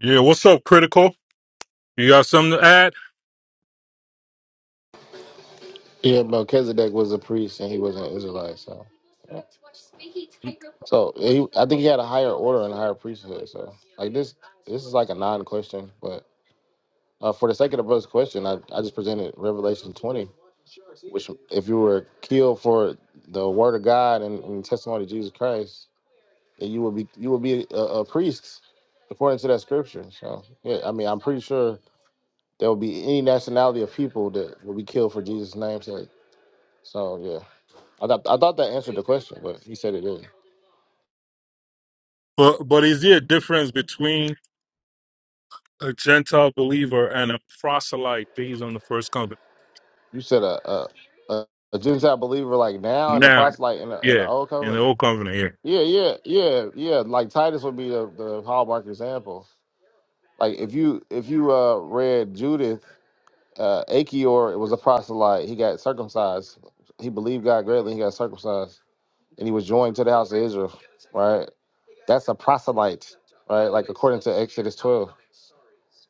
Yeah, what's up, critical? You got something to add?
Yeah, Melchizedek was a priest and he was an Israelite, so so he, I think he had a higher order and a higher priesthood. So like this, this is like a non-question, but uh, for the sake of the brother's question, I, I just presented Revelation 20, which if you were killed for the word of God and, and testimony of Jesus Christ, then you would be you would be a, a priest according to that scripture. So yeah, I mean I'm pretty sure there will be any nationality of people that will be killed for Jesus' name's sake. So yeah, I thought I thought that answered the question, but he said it didn't.
But but is there a difference between a Gentile believer and a proselyte based on the first covenant?
You said a a, a, a Gentile believer like now in the
Now,
proselyte in the, in the
yeah,
old
in the
covenant.
old covenant,
Yeah, yeah, yeah, yeah. Like Titus would be the, the hallmark example. Like if you if you uh read Judith, uh Achior it was a proselyte. He got circumcised. He believed God greatly. He got circumcised, and he was joined to the house of Israel. Right. That's a proselyte. Right. Like according to Exodus twelve.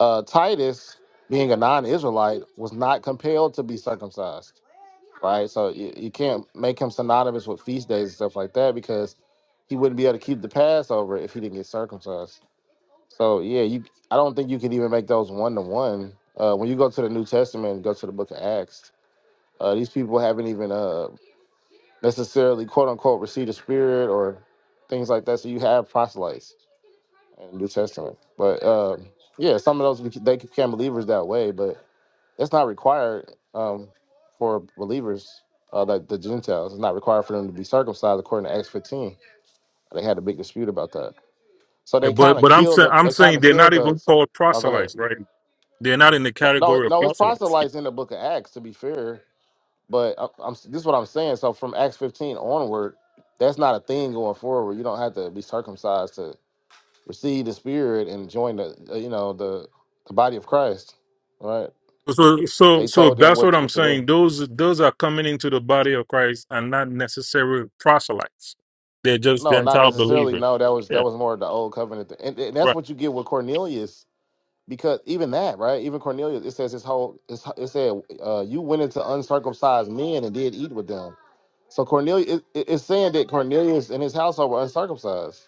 Uh Titus, being a non-Israelite, was not compelled to be circumcised right? So you, you can't make him synonymous with feast days and stuff like that because he wouldn't be able to keep the Passover if he didn't get circumcised. So yeah, you I don't think you can even make those one to one. Uh, When you go to the New Testament, and go to the Book of Acts, uh, these people haven't even uh, necessarily quote unquote received the Spirit or things like that. So you have proselytes in the New Testament, but uh, yeah, some of those they became believers that way, but it's not required um, for believers, uh, like the Gentiles. It's not required for them to be circumcised according to Acts 15. They had a big dispute about that. So
yeah.
they
But
kind of
but I'm
killed
saying
the.
I'm
They kind
saying
of
they're not
killed the.
even
so,
called
Oh, go ahead.
proselytes, right? They're not in the
No, no,
category of
no, it's
proselytes.
proselytes in the Book of Acts. To be fair, but I, I'm this is what I'm saying. So from Acts 15 onward, that's not a thing going forward. You don't have to be circumcised to receive the Spirit and join the. uh, You know the the body of Christ, right?
So so
They
so
told them
that's what
what
I'm
what to do.
saying. Those those are coming into the body of Christ and not necessarily proselytes. They're just
No, not
Gentile
necessarily.
believers.
No, that was
Yeah,
that was more of the old covenant, and, and that's
right.
what you get with Cornelius. Because even that, right? Even Cornelius, it says his whole. It's, it said uh, you went into uncircumcised men and did eat with them. So Cornelius, it, it- it's saying that Cornelius and his household were uncircumcised,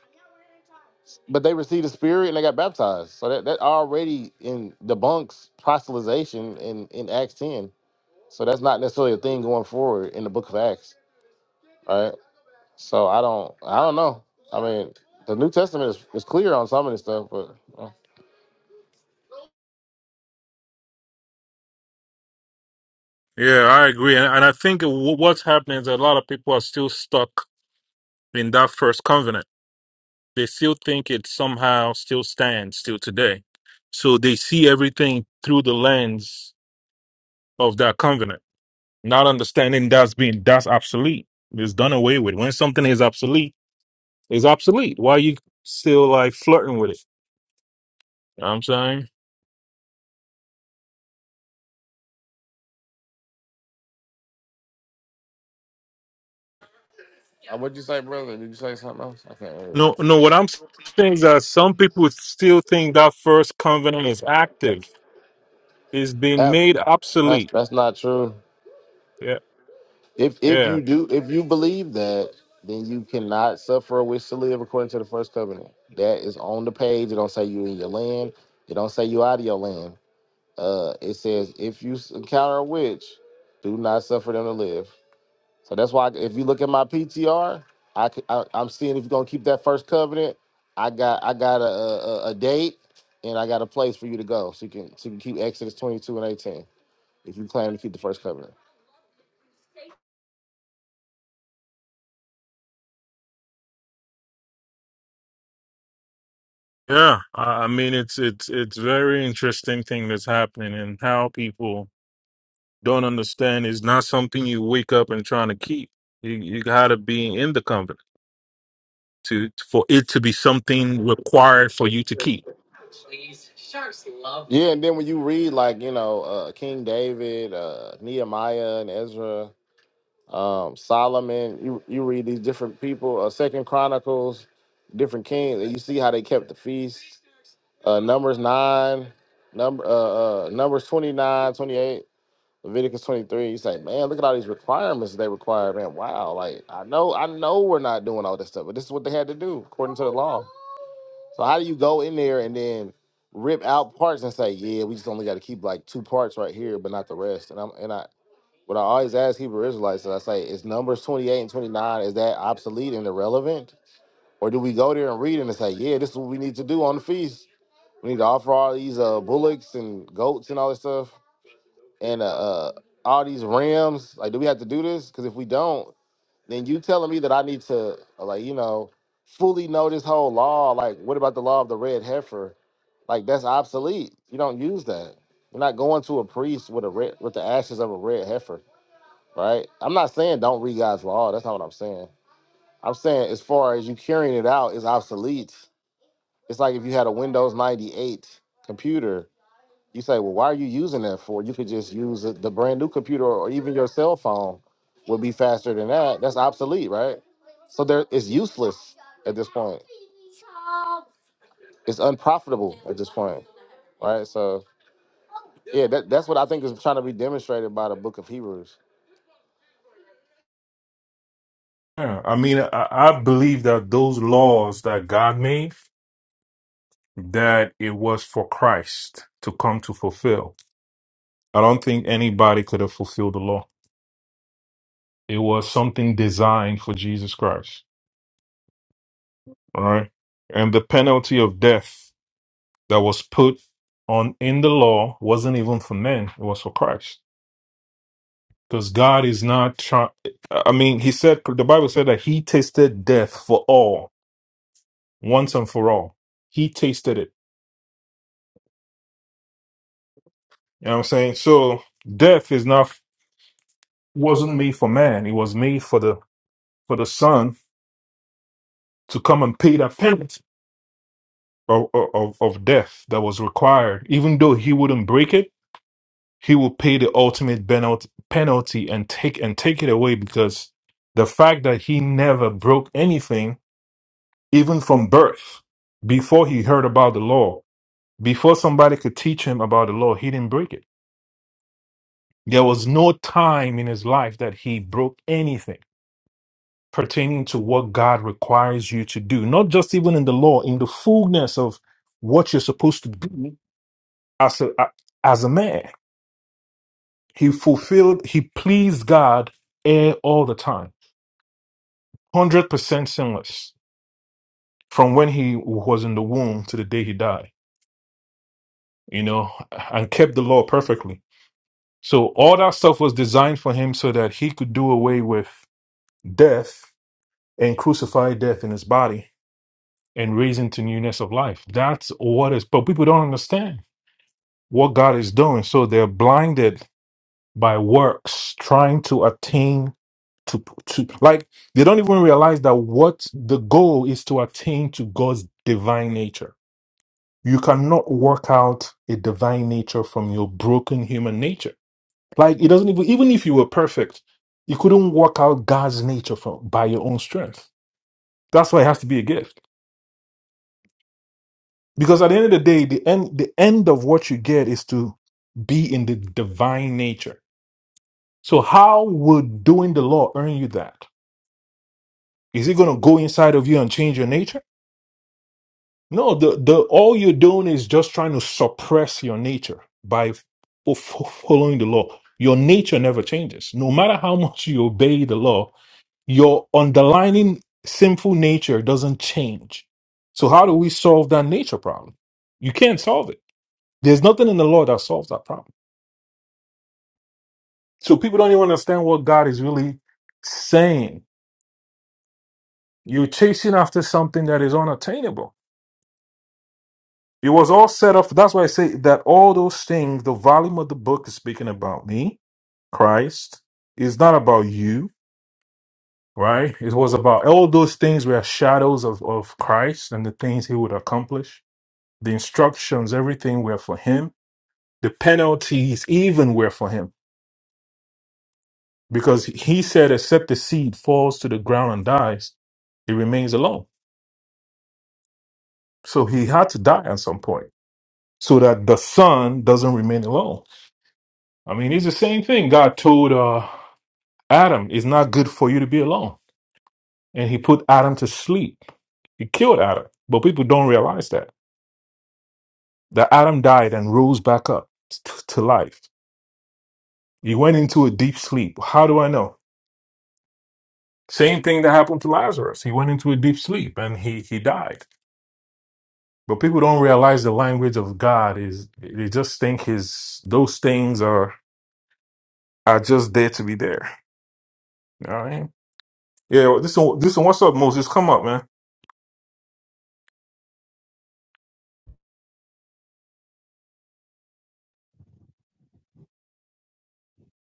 but they received the Spirit and they got baptized. So that that already in debunks proselytization in in Acts ten. So that's not necessarily a thing going forward in the Book of Acts. right? So I don't I don't know. I mean, the New Testament is, is clear on some of this stuff, but uh,
Yeah, I agree. And, and I think wh- what's happening is a lot of people are still stuck in that first covenant they still think it somehow still stands still today. So they see everything through the lens of that covenant, not understanding that's being that's obsolete. It's done away with. When something is obsolete, it's obsolete. Why are you still like flirting with it? You know what I'm saying?
what'd you say, brother? Did you say something else? I can't remember.
No no what I'm saying is that some people still think that first covenant is active. It's being
That
made
that's
obsolete.
that's not true.
Yeah.
If if
Yeah.
you do if you believe that, then you cannot suffer a wish to live according to the first covenant. That is on the page. It don't say you in your land. It don't say you out of your land. Uh, it says if you s- encounter a witch, do not suffer them to live. So that's why if you look at my PTR, I, c- I am seeing if you're gonna keep that first covenant. I got I got a, a a date and I got a place for you to go, so you can so you can keep Exodus 22 and 18 if you plan to keep the first covenant.
Yeah. I I mean it's it's it's very interesting thing that's happening and how people don't understand is not something you wake up and trying to keep. You, you got to be in the covenant to for it to be something required for you to keep.
Yeah, and then when you read like you know uh, King David, uh, Nehemiah, and Ezra, um, Solomon, you you read these different people, uh, Second Chronicles, different kings, and you see how they kept the feast. Uh, Numbers nine, number uh, uh, Numbers 29, 28 Leviticus 23, he's like, man, look at all these requirements they require, man. Wow, like I know, I know we're not doing all this stuff, but this is what they had to do according to the law. So how do you go in there and then rip out parts and say, yeah, we just only got to keep like two parts right here, but not the rest? And I'm and I what I always ask Hebrew Israelites is I say, is numbers 28 and 29, is that obsolete and irrelevant? Or do we go there and read it and say, yeah, this is what we need to do on the feast? We need to offer all these uh bullocks and goats and all this stuff and uh, uh all these Rams. Like, do we have to do this? Because if we don't, then you telling me that I need to uh, like you know fully know this whole law. Like, what about the law of the red heifer? Like, that's obsolete. You don't use that. You're not going to a priest with a red with the ashes of a red heifer, right? I'm not saying don't read God's law. That's not what I'm saying. I'm saying as far as you carrying it out is obsolete. It's like if you had a Windows 98 computer you say, well, why are you using that for? You could just use it- the brand new computer or even your cell phone would be faster than that. That's obsolete, right? So there, it's useless at this point. It's unprofitable at this point, right? So yeah, that, that's what I think is trying to be demonstrated by the book of Hebrews.
Yeah, I mean, I, I believe that those laws that God made, that it was for Christ to come to fulfill. I don't think anybody could have fulfilled the law. It was something designed for Jesus Christ. All right. And the penalty of death that was put on in the law wasn't even for men, it was for Christ. Because God is not trying. I mean, He said, the Bible said that He tasted death for all, once and for all. He tasted it. You know what I'm saying? So death is not, wasn't made for man. It was made for the, for the Son to come and pay that penalty of, of, of death that was required. Even though He wouldn't break it, He will pay the ultimate penalty, penalty and take, and take it away because the fact that He never broke anything even from birth, before he heard about the law, before somebody could teach him about the law, he didn't break it. There was no time in his life that he broke anything pertaining to what God requires you to do, not just even in the law, in the fullness of what you're supposed to do as a, a- as a man. He fulfilled, he pleased God eh, all the time, 100% sinless from when he was in the womb to the day he died, you know, and kept the law perfectly So all that stuff was designed for him so that he could do away with death and crucify death in his body and raise into newness of life. That's what is but people don't understand what God is doing. So they're blinded by works, trying to attain to to like they don't even realize that what the goal is to attain to God's divine nature. You cannot work out a divine nature from your broken human nature Like it doesn't even even if you were perfect, you couldn't work out God's nature from by your own strength. That's why it has to be a gift. Because at the end of the day, the end the end of what you get is to be in the divine nature. So how would doing the law earn you that? Is it gonna go inside of you and change your nature? No, the, the all you're doing is just trying to suppress your nature by f- f- following the law. Your nature never changes. No matter how much you obey the law, your underlying sinful nature doesn't change. So how do we solve that nature problem? You can't solve it. There's nothing in the law that solves that problem. So people don't even understand what God is really saying. You're chasing after something that is unattainable. It was all set up. That's why I say that all those things, the volume of the book is speaking about me, Christ. It's not about you, right? It was about all those things were shadows of, of Christ and the things he would accomplish The instructions, everything were for him. The penalties even were for him. Because he said, except the seed falls to the ground and dies, it remains alone. So he had to die at some point so that the son doesn't remain alone. I mean, it's the same thing God told uh, Adam, it's not good for you to be alone. And he put Adam to sleep. He killed Adam. But people don't realize that. That Adam died and rose back up t- to life. He went into a deep sleep. How do I know? Same thing that happened to Lazarus. He went into a deep sleep and he he died. But people don't realize the language of God is they just think his those things are are just there to be there. All right. Yeah, well, this one this one, what's up, Moses? Come up, man.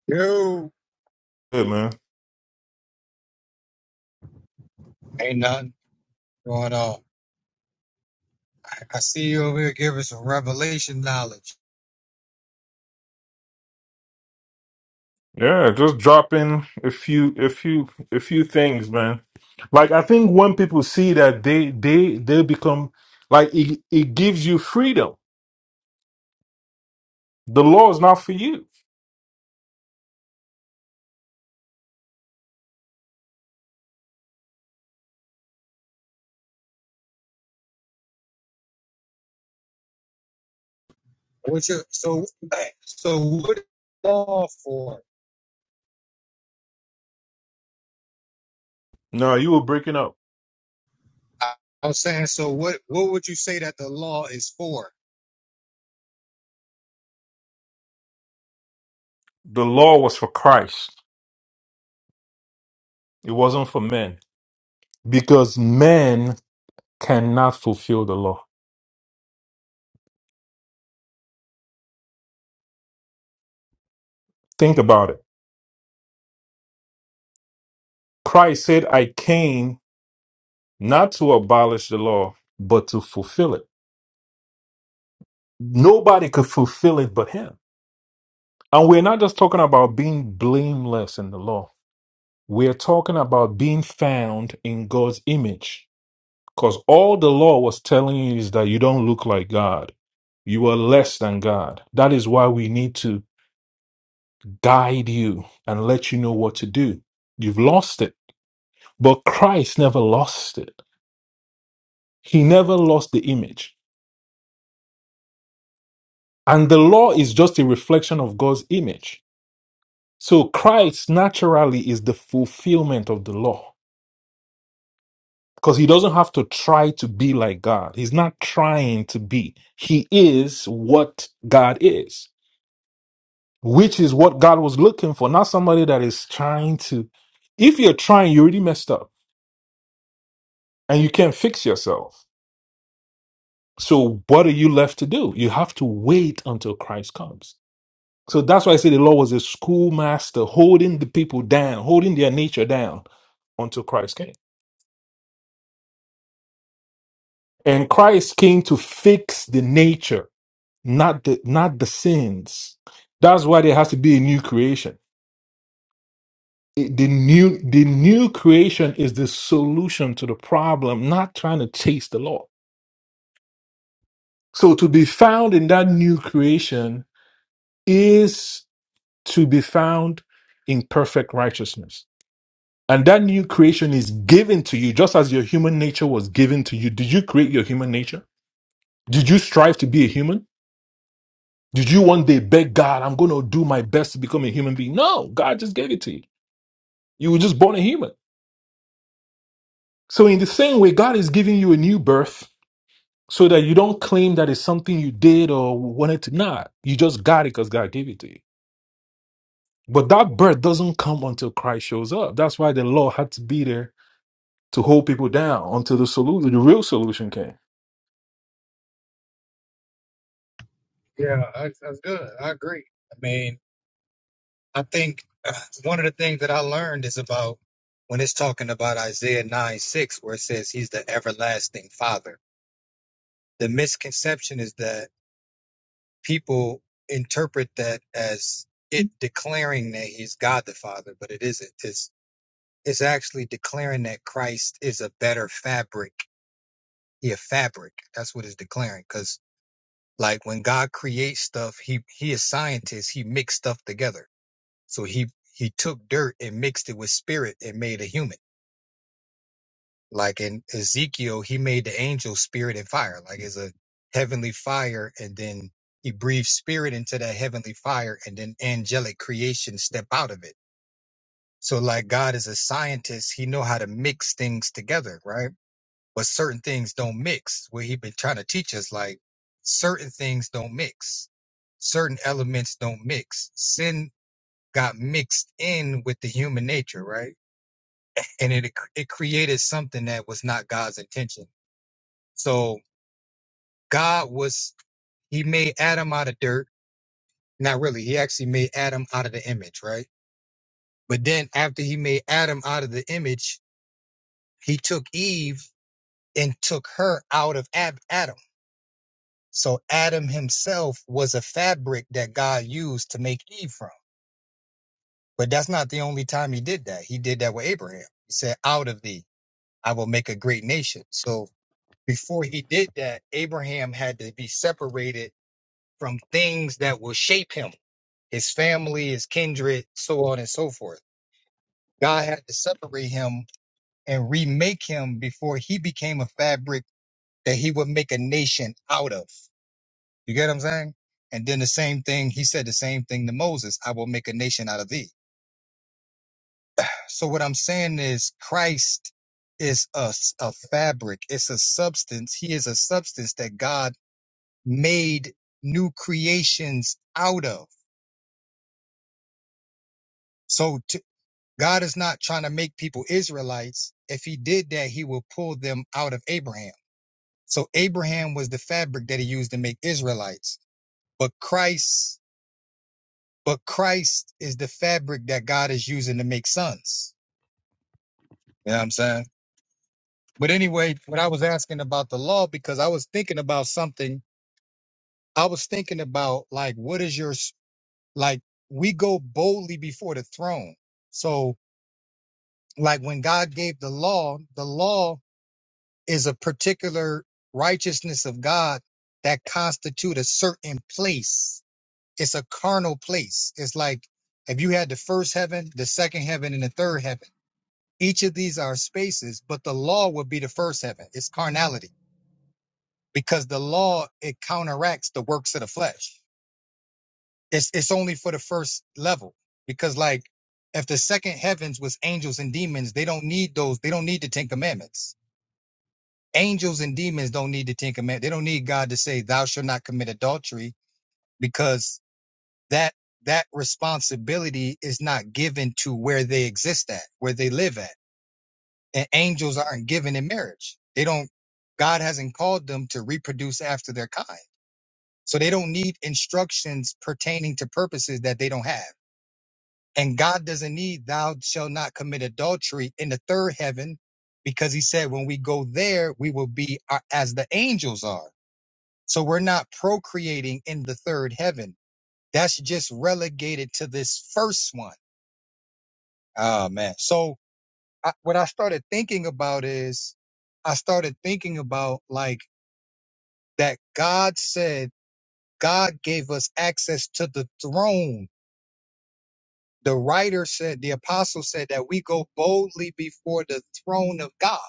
Yo,
Good man.
ain't nothing going on. I, I see you over here giving some revelation knowledge.
Yeah, just dropping a few a few a few things, man. Like I think when people see that they they they become like it, it gives you freedom. The law is not for you.
What you so so what is the law for?
No, you were breaking up.
I, I was saying so. What what would you say that the law is for?
The law was for Christ. It wasn't for men because men cannot fulfill the law. Think about it. Christ said, I came not to abolish the law, but to fulfill it. Nobody could fulfill it but him. And we're not just talking about being blameless in the law, we're talking about being found in God's image. Because all the law was telling you is that you don't look like God, you are less than God. That is why we need to guide you and let you know what to do. You've lost it. But Christ never lost it. He never lost the image. And the law is just a reflection of God's image. So Christ naturally is the fulfillment of the law because he doesn't have to try to be like God. He's not trying to be. He is what God is, which is what God was looking for, not somebody that is trying to. If you're trying, you already messed up and you can't fix yourself So what are you left to do? You have to wait until Christ comes. So that's why I say the law was a schoolmaster holding the people down, holding their nature down until Christ came. And Christ came to fix the nature, not the not the sins. That's why there has to be a new creation. It- the new the new creation is the solution to the problem, not trying to chase the law. So to be found in that new creation to be found in perfect righteousness. And that new creation is given to you just as your human nature was given to you. Did you create your human nature? Did you strive to be a human? Did you one day beg God, I'm going to do my best to become a human being? No, God just gave it to you. You were just born a human. So, in the same way, God is giving you a new birth so that you don't claim that it's something you did or wanted to not. You just got it because God gave it to you. But that birth doesn't come until Christ shows up. That's why the law had to be there to hold people down until the solution, the real solution came.
Yeah, that's, that's good. I agree. I mean, I think uh, one of the things that I learned is about when it's talking about Isaiah nine six, where it says he's the everlasting Father. The misconception is that people interpret that as it declaring that he's God the Father, but it isn't. It's it's actually declaring that Christ is a better fabric. He a fabric. That's what it's declaring. Because like when God creates stuff, he he is scientist. He mixed stuff together. So he he took dirt and mixed it with spirit and made a human. Like in Ezekiel, he made the angel spirit and fire, like it's a heavenly fire, and then he breathed spirit into that heavenly fire, and then angelic creation step out of it. So like God is a scientist, he know how to mix things together, right? But certain things don't mix. What he been trying to teach us, like certain things don't mix. Certain elements don't mix. Sin got mixed in with the human nature, right? and it it created something that was not God's intention. So God was, he made Adam out of dirt. Not really. He actually made Adam out of the image, right? But then after he made Adam out of the image, he took Eve and took her out of Ab- Adam. So Adam himself was a fabric that God used to make Eve from. But that's not the only time he did that. He did that with Abraham. He said, out of thee, I will make a great nation. So before he did that, Abraham had to be separated from things that will shape him his family, his kindred, so on and so forth. God had to separate him and remake him before he became a fabric that he would make a nation out of. You get what I'm saying? And then the same thing, he said the same thing to Moses I will make a nation out of thee. So, what I'm saying is, Christ is a, s- a fabric, it's a substance. He is a substance that God made new creations out of. So God is not trying to make people Israelites. If he did that, he will pull them out of Abraham. So Abraham was the fabric that he used to make Israelites. But Christ, but Christ is the fabric that God is using to make sons. You know what I'm saying? But anyway, what I was asking about the law, because I was thinking about something, I was thinking about like, what is your, s- like, we go boldly before the throne. So like when God gave the law, the law is a particular righteousness of God that constitute a certain place. It's a carnal place. It's like if you had the first heaven, the second heaven, and the third heaven. Each of these are spaces, but the law would be the first heaven. It's carnality because the law it counteracts the works of the flesh. It's it's only for the first level because like if the second heavens was angels and demons, they don't need those. They don't need the Ten Commandments angels and demons don't need the Ten Commandments. They don't need God to say, "Thou shalt not commit adultery," because that that responsibility is not given to where they exist at, where they live at, and angels aren't given in marriage. They don't. God hasn't called them to reproduce after their kind, so they don't need instructions pertaining to purposes that they don't have. And God doesn't need "Thou shalt not commit adultery" in the third heaven, because He said, "When we go there, we will be uh, as the angels are." So we're not procreating in the third heaven. That's just relegated to this first one. Oh man. So I, what I started thinking about is I started thinking about like that God said God gave us access to the throne. The writer said, the apostle said that we go boldly before the throne of God.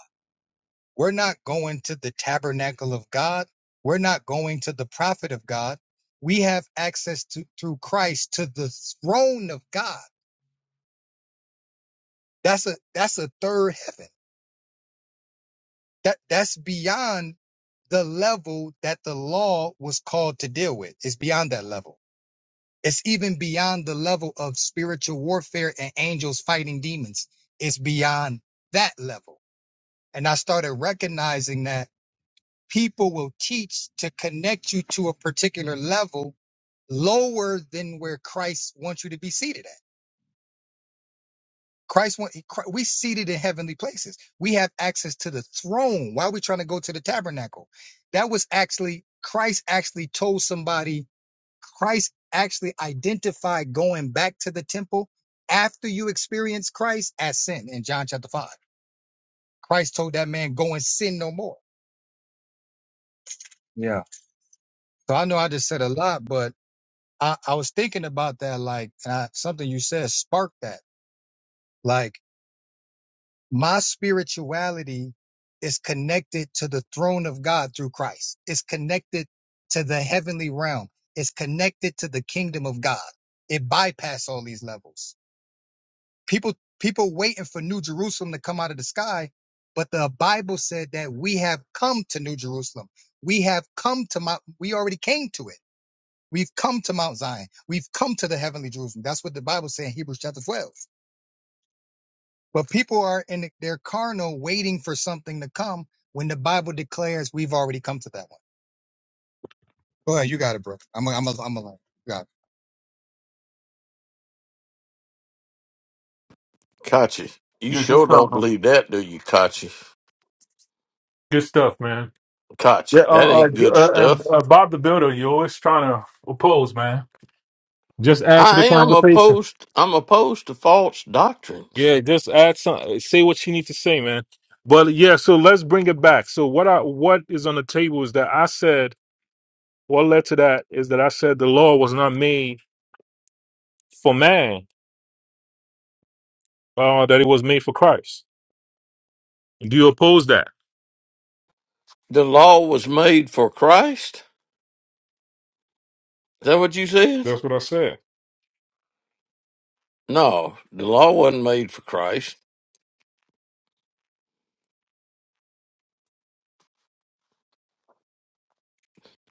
We're not going to the tabernacle of God. We're not going to the prophet of God. We have access to through Christ to the throne of God. That's a that's a third heaven. That that's beyond the level that the law was called to deal with. It's beyond that level. It's even beyond the level of spiritual warfare and angels fighting demons. It's beyond that level. And I started recognizing that people will teach to connect you to a particular level lower than where Christ wants you to be seated at. Christ want Christ, we seated in heavenly places. We have access to the throne. Why are we trying to go to the tabernacle? That was actually Christ actually told somebody, Christ actually identified going back to the temple after you experience Christ as sin in John chapter 5. Christ told that man, go and sin no more. Yeah. So I know I just said a lot, but I, I was thinking about that, like, and I, something you said sparked that. Like, my spirituality is connected to the throne of God through Christ. It's connected to the heavenly realm. It's connected to the kingdom of God. It bypassed all these levels. People, people waiting for New Jerusalem to come out of the sky, but the Bible said that we have come to New Jerusalem. We have come to my, we already came to it We've come to Mount Zion. We've come to the heavenly Jerusalem. That's what the Bible says in Hebrews chapter 12. But people are in their carnal waiting for something to come when the Bible declares we've already come to that one. Go ahead. You got it, bro. I'm a, I'm a, I'm a,
Kachi, you
Yeah, good
sure
stuff.
don't
man.
believe that, do you, Kachi?
Good stuff, man. Yeah.
Kachi, that
Uh,
ain't
uh,
good
uh,
stuff.
uh, Bob the Builder, you're always trying to oppose, man. Just add to the
I am
conversation.
opposed. I'm opposed to false doctrines.
Yeah, just add some, say what you need to say, man. But yeah, so let's bring it back. So what I what is on the table is that I said what led to that is that I said the law was not made for man, uh, that it was made for Christ. Do you oppose that?
The law was made for Christ. Is that what you said?
That's what I said.
No, the law wasn't made for Christ.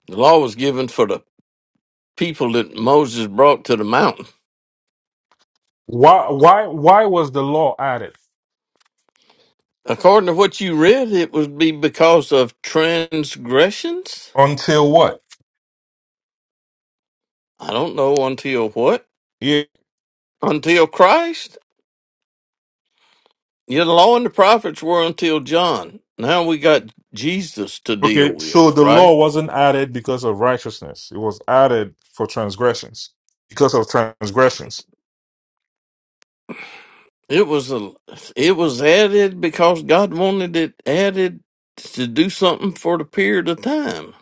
The law was given for the people that Moses brought to the mountain.
Why? Why? Why was the law added?
According to what you read, it would be because of transgressions.
Until what?
I don't know until what?
Yeah.
Until Christ? Yeah, the law and the prophets were until John. Now we got Jesus to deal
Okay. So
with,
the
right?
law wasn't added because of righteousness. It was added for transgressions. Because of transgressions.
It was a, it was added because God wanted it added to do something for the period of time.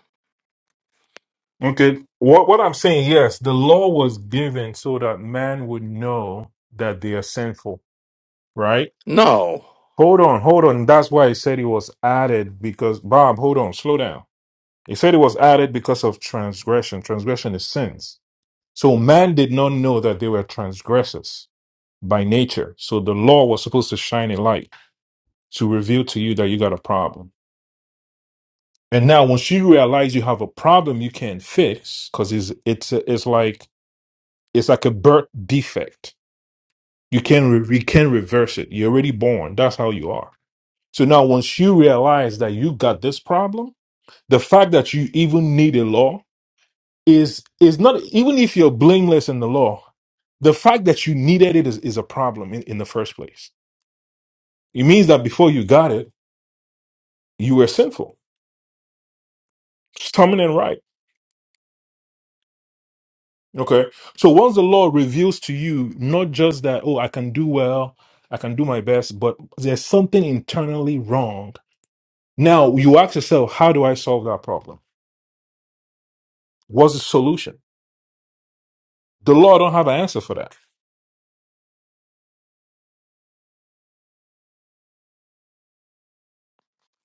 Okay. What what I'm saying, yes, the law was given so that man would know that they are sinful, right?
No,
Hold on, hold on. That's why he said it was added because Bob, hold on, slow down. He said it was added because of transgression. Transgression is sins. So man did not know that they were transgressors by nature. So the law was supposed to shine a light to reveal to you that you got a problem. And now, once you realize you have a problem you can't fix, because it's it's it's like it's like a birth defect. You can re- you can reverse it. You're already born. That's how you are. So now, once you realize that you got this problem, the fact that you even need a law is is not even if you're blameless in the law. The fact that you needed it is, is a problem in, in the first place. It means that before you got it, you were sinful, stubborn and right Okay. So once the Lord reveals to you not just that, oh, I can do well, I can do my best, but there's something internally wrong. Now you ask yourself, how do I solve that problem? What's the solution? The Lord don't have an answer for that.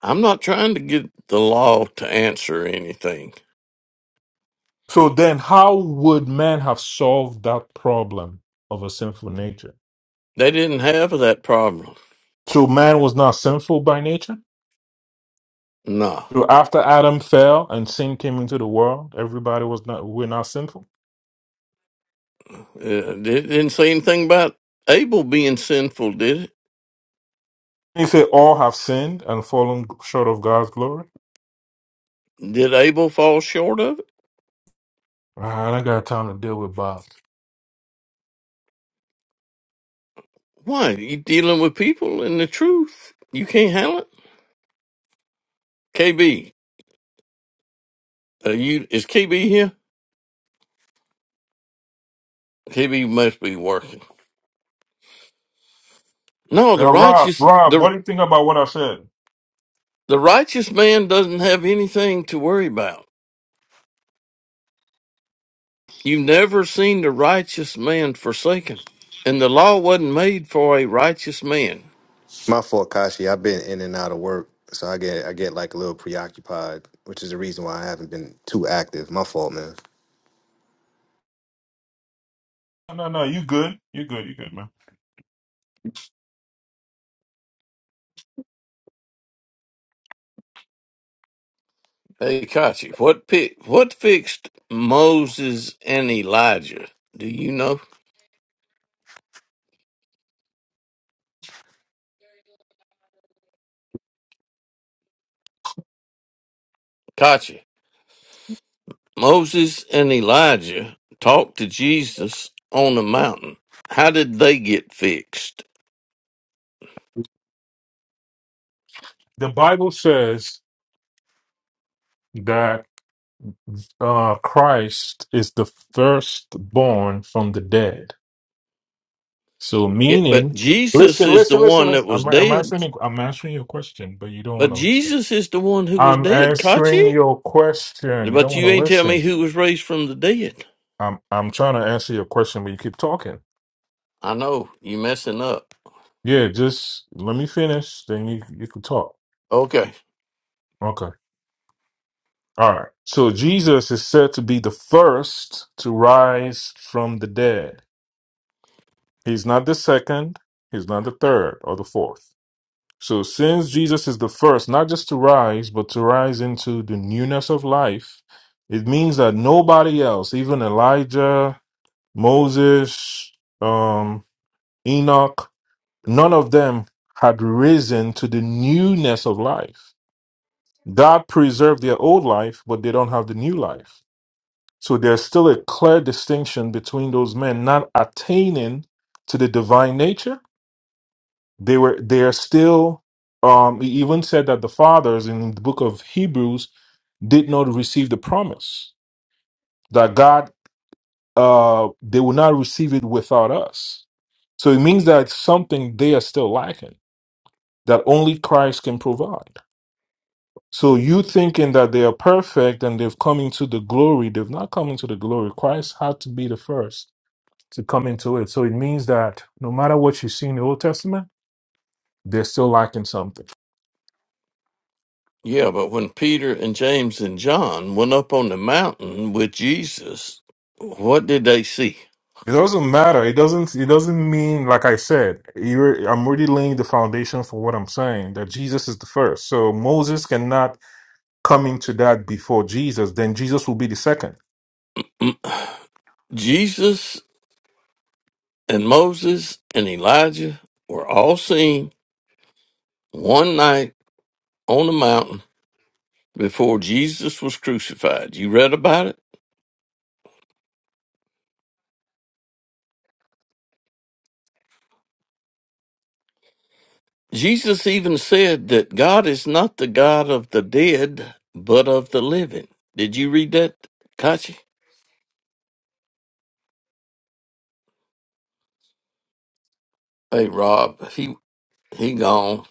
I'm not trying to get the law to answer anything.
So then how would man have solved that problem of a sinful nature?
They didn't have that problem.
So man was not sinful by nature?
No,
So after Adam fell and sin came into the world, everybody was not we're not sinful.
it it didn't say anything about Abel being sinful, did it?
He said all have sinned and fallen short of God's glory.
Did Abel fall short of it?
I ain't got time to deal with Bob.
Why? You dealing with people and the truth. You can't handle it. KB, are you is KB here? KB must be working. No, the
Now, Rob,
righteous
Rob, what
the
do you think about what I said?
the righteous man doesn't have anything to worry about. You've never seen the righteous man forsaken, and the law wasn't made for a righteous man.
My fault, Kashi. I've been in and out of work, so I get I get like a little preoccupied, which is the reason why I haven't been too active. My fault, man.
No, no, no. You good? You good? You good, man?
Hey, Kachi, what pi- what fixed Moses and Elijah? Do you know, Kachi? Moses and Elijah talked to Jesus on the mountain. How did they get fixed?
The Bible says that uh, Christ is the firstborn from the dead. So,
It, but
meaning,
Jesus
listen,
is the
listen,
one
listen.
that was
I'm, I'm
dead.
answering. I'm answering your question, but you don't want
But
to listen.
Jesus is the one who was
I'm
dead, caught
answering
you?
your question. You don't
But
want
you
to
ain't tell
listen.
me who was raised from the dead.
I'm I'm trying to answer your question, but you keep talking.
I know, you messing up.
Yeah, just let me finish. Then you you can talk.
Okay.
Okay. All right. So Jesus is said to be the first to rise from the dead. He's not the second, he's not the third or the fourth. So since Jesus is the first, not just to rise, but to rise into the newness of life, it means that nobody else, even Elijah, Moses, um, Enoch, none of them had risen to the newness of life. God preserved their old life, but they don't have the new life. So there's still a clear distinction between those men not attaining to the divine nature. They were they are still um he even said that the fathers in the book of Hebrews did not receive the promise that God uh they will not receive it without us. So it means that something they are still lacking that only Christ can provide. So you thinking that they are perfect and they've come into the glory, they've not come into the glory. Christ had to be the first to come into it. So it means that no matter what you see in the Old Testament, they're still lacking something.
Yeah, but when Peter and James and John went up on the mountain with Jesus, what did they see?
It doesn't matter. It doesn't. It doesn't mean, like I said, you're, I'm already laying the foundation for what I'm saying that Jesus is the first. So Moses cannot come into that before Jesus. Then Jesus will be the second.
Mm, Jesus and Moses and Elijah were all seen one night on the mountain before Jesus was crucified. You read about it? Jesus even said that God is not the God of the dead, but of the living. Did you read that, Kachi? Hey, Rob, he he gone.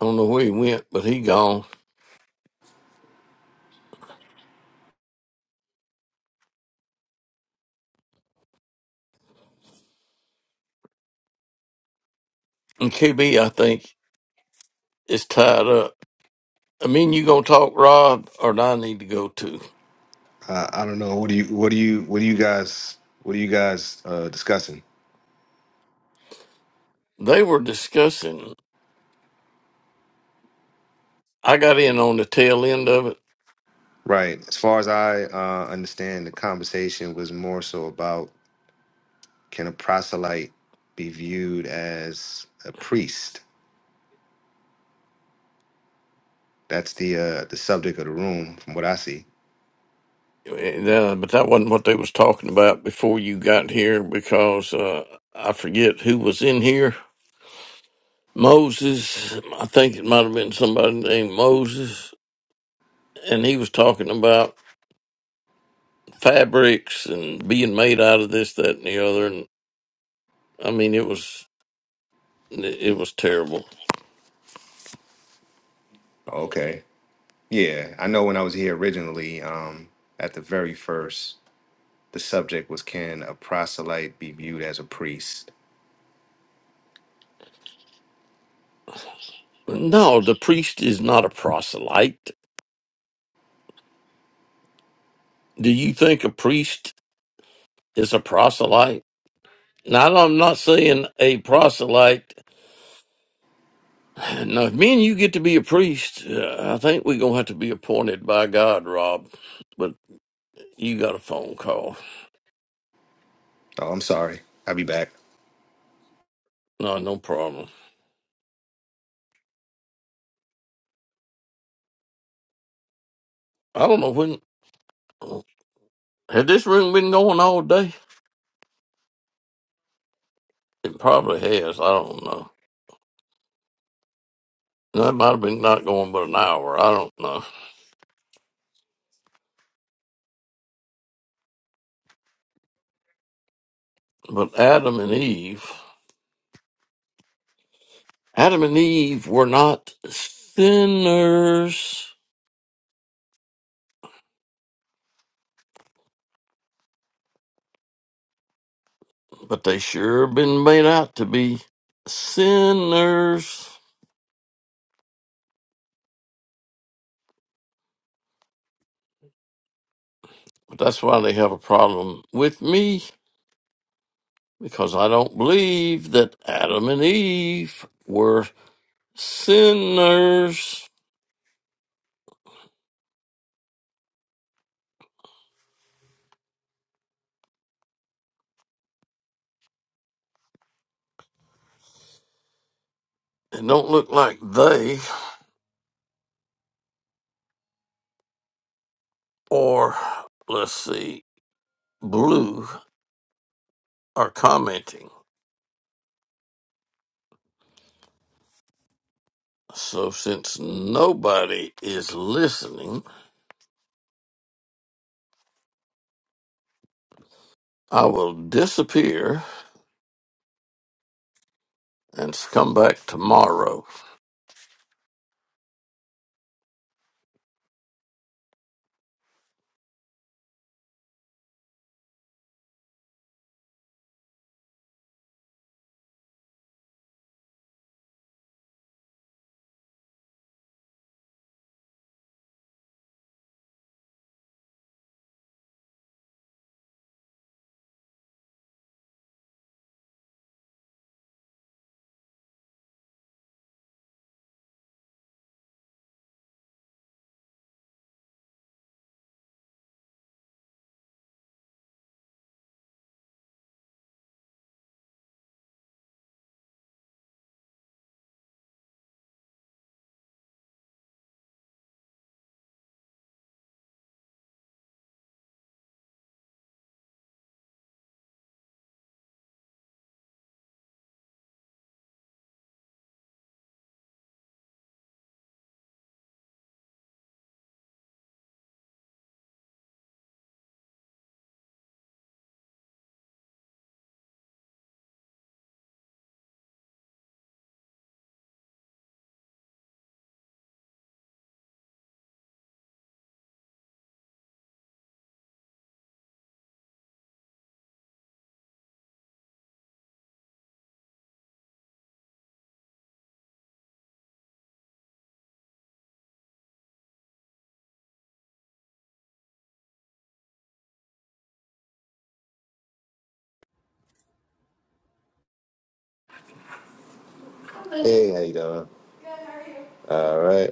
I don't know where he went, but he gone. And KB, I think, is tied up. I mean, you gonna talk, Rob, or do I need to go too?
Uh, I don't know. What do you? What do you? What do you guys? What are you guys uh, discussing?
They were discussing. I got in on the tail end of it,
Right. As far as I uh, understand, the conversation was more so about can a proselyte be viewed as a priest? That's the uh, the subject of the room, from what I see.
and, uh, but that wasn't what they was talking about before you got here because uh, I forget who was in here Moses, I think it might have been somebody named Moses, and he was talking about fabrics and being made out of this, that, and the other. And I mean, it was it was terrible.
Yeah, I know when I was here originally, um, at the very first, the subject was can a proselyte be viewed as a priest?
No, the priest is not a proselyte. Do you think a priest is a proselyte? Now, I'm not saying a proselyte. Now, if me and you get to be a priest, uh, I think we're gonna have to be appointed by God, Rob. But you got a phone call.
Oh, I'm sorry. I'll be back.
No, no problem. I don't know when. Has this room been going all day? It probably has. I don't know. That might have been not going but an hour. I don't know. But Adam and Eve, Adam and Eve were not sinners, but they sure been made out to be sinners. But that's why they have a problem with me because I don't believe that Adam and Eve were sinners. It don't look like they or let's see Blue are commenting. So since nobody is listening, I will disappear and come back tomorrow.
Hey, how you doing? All right.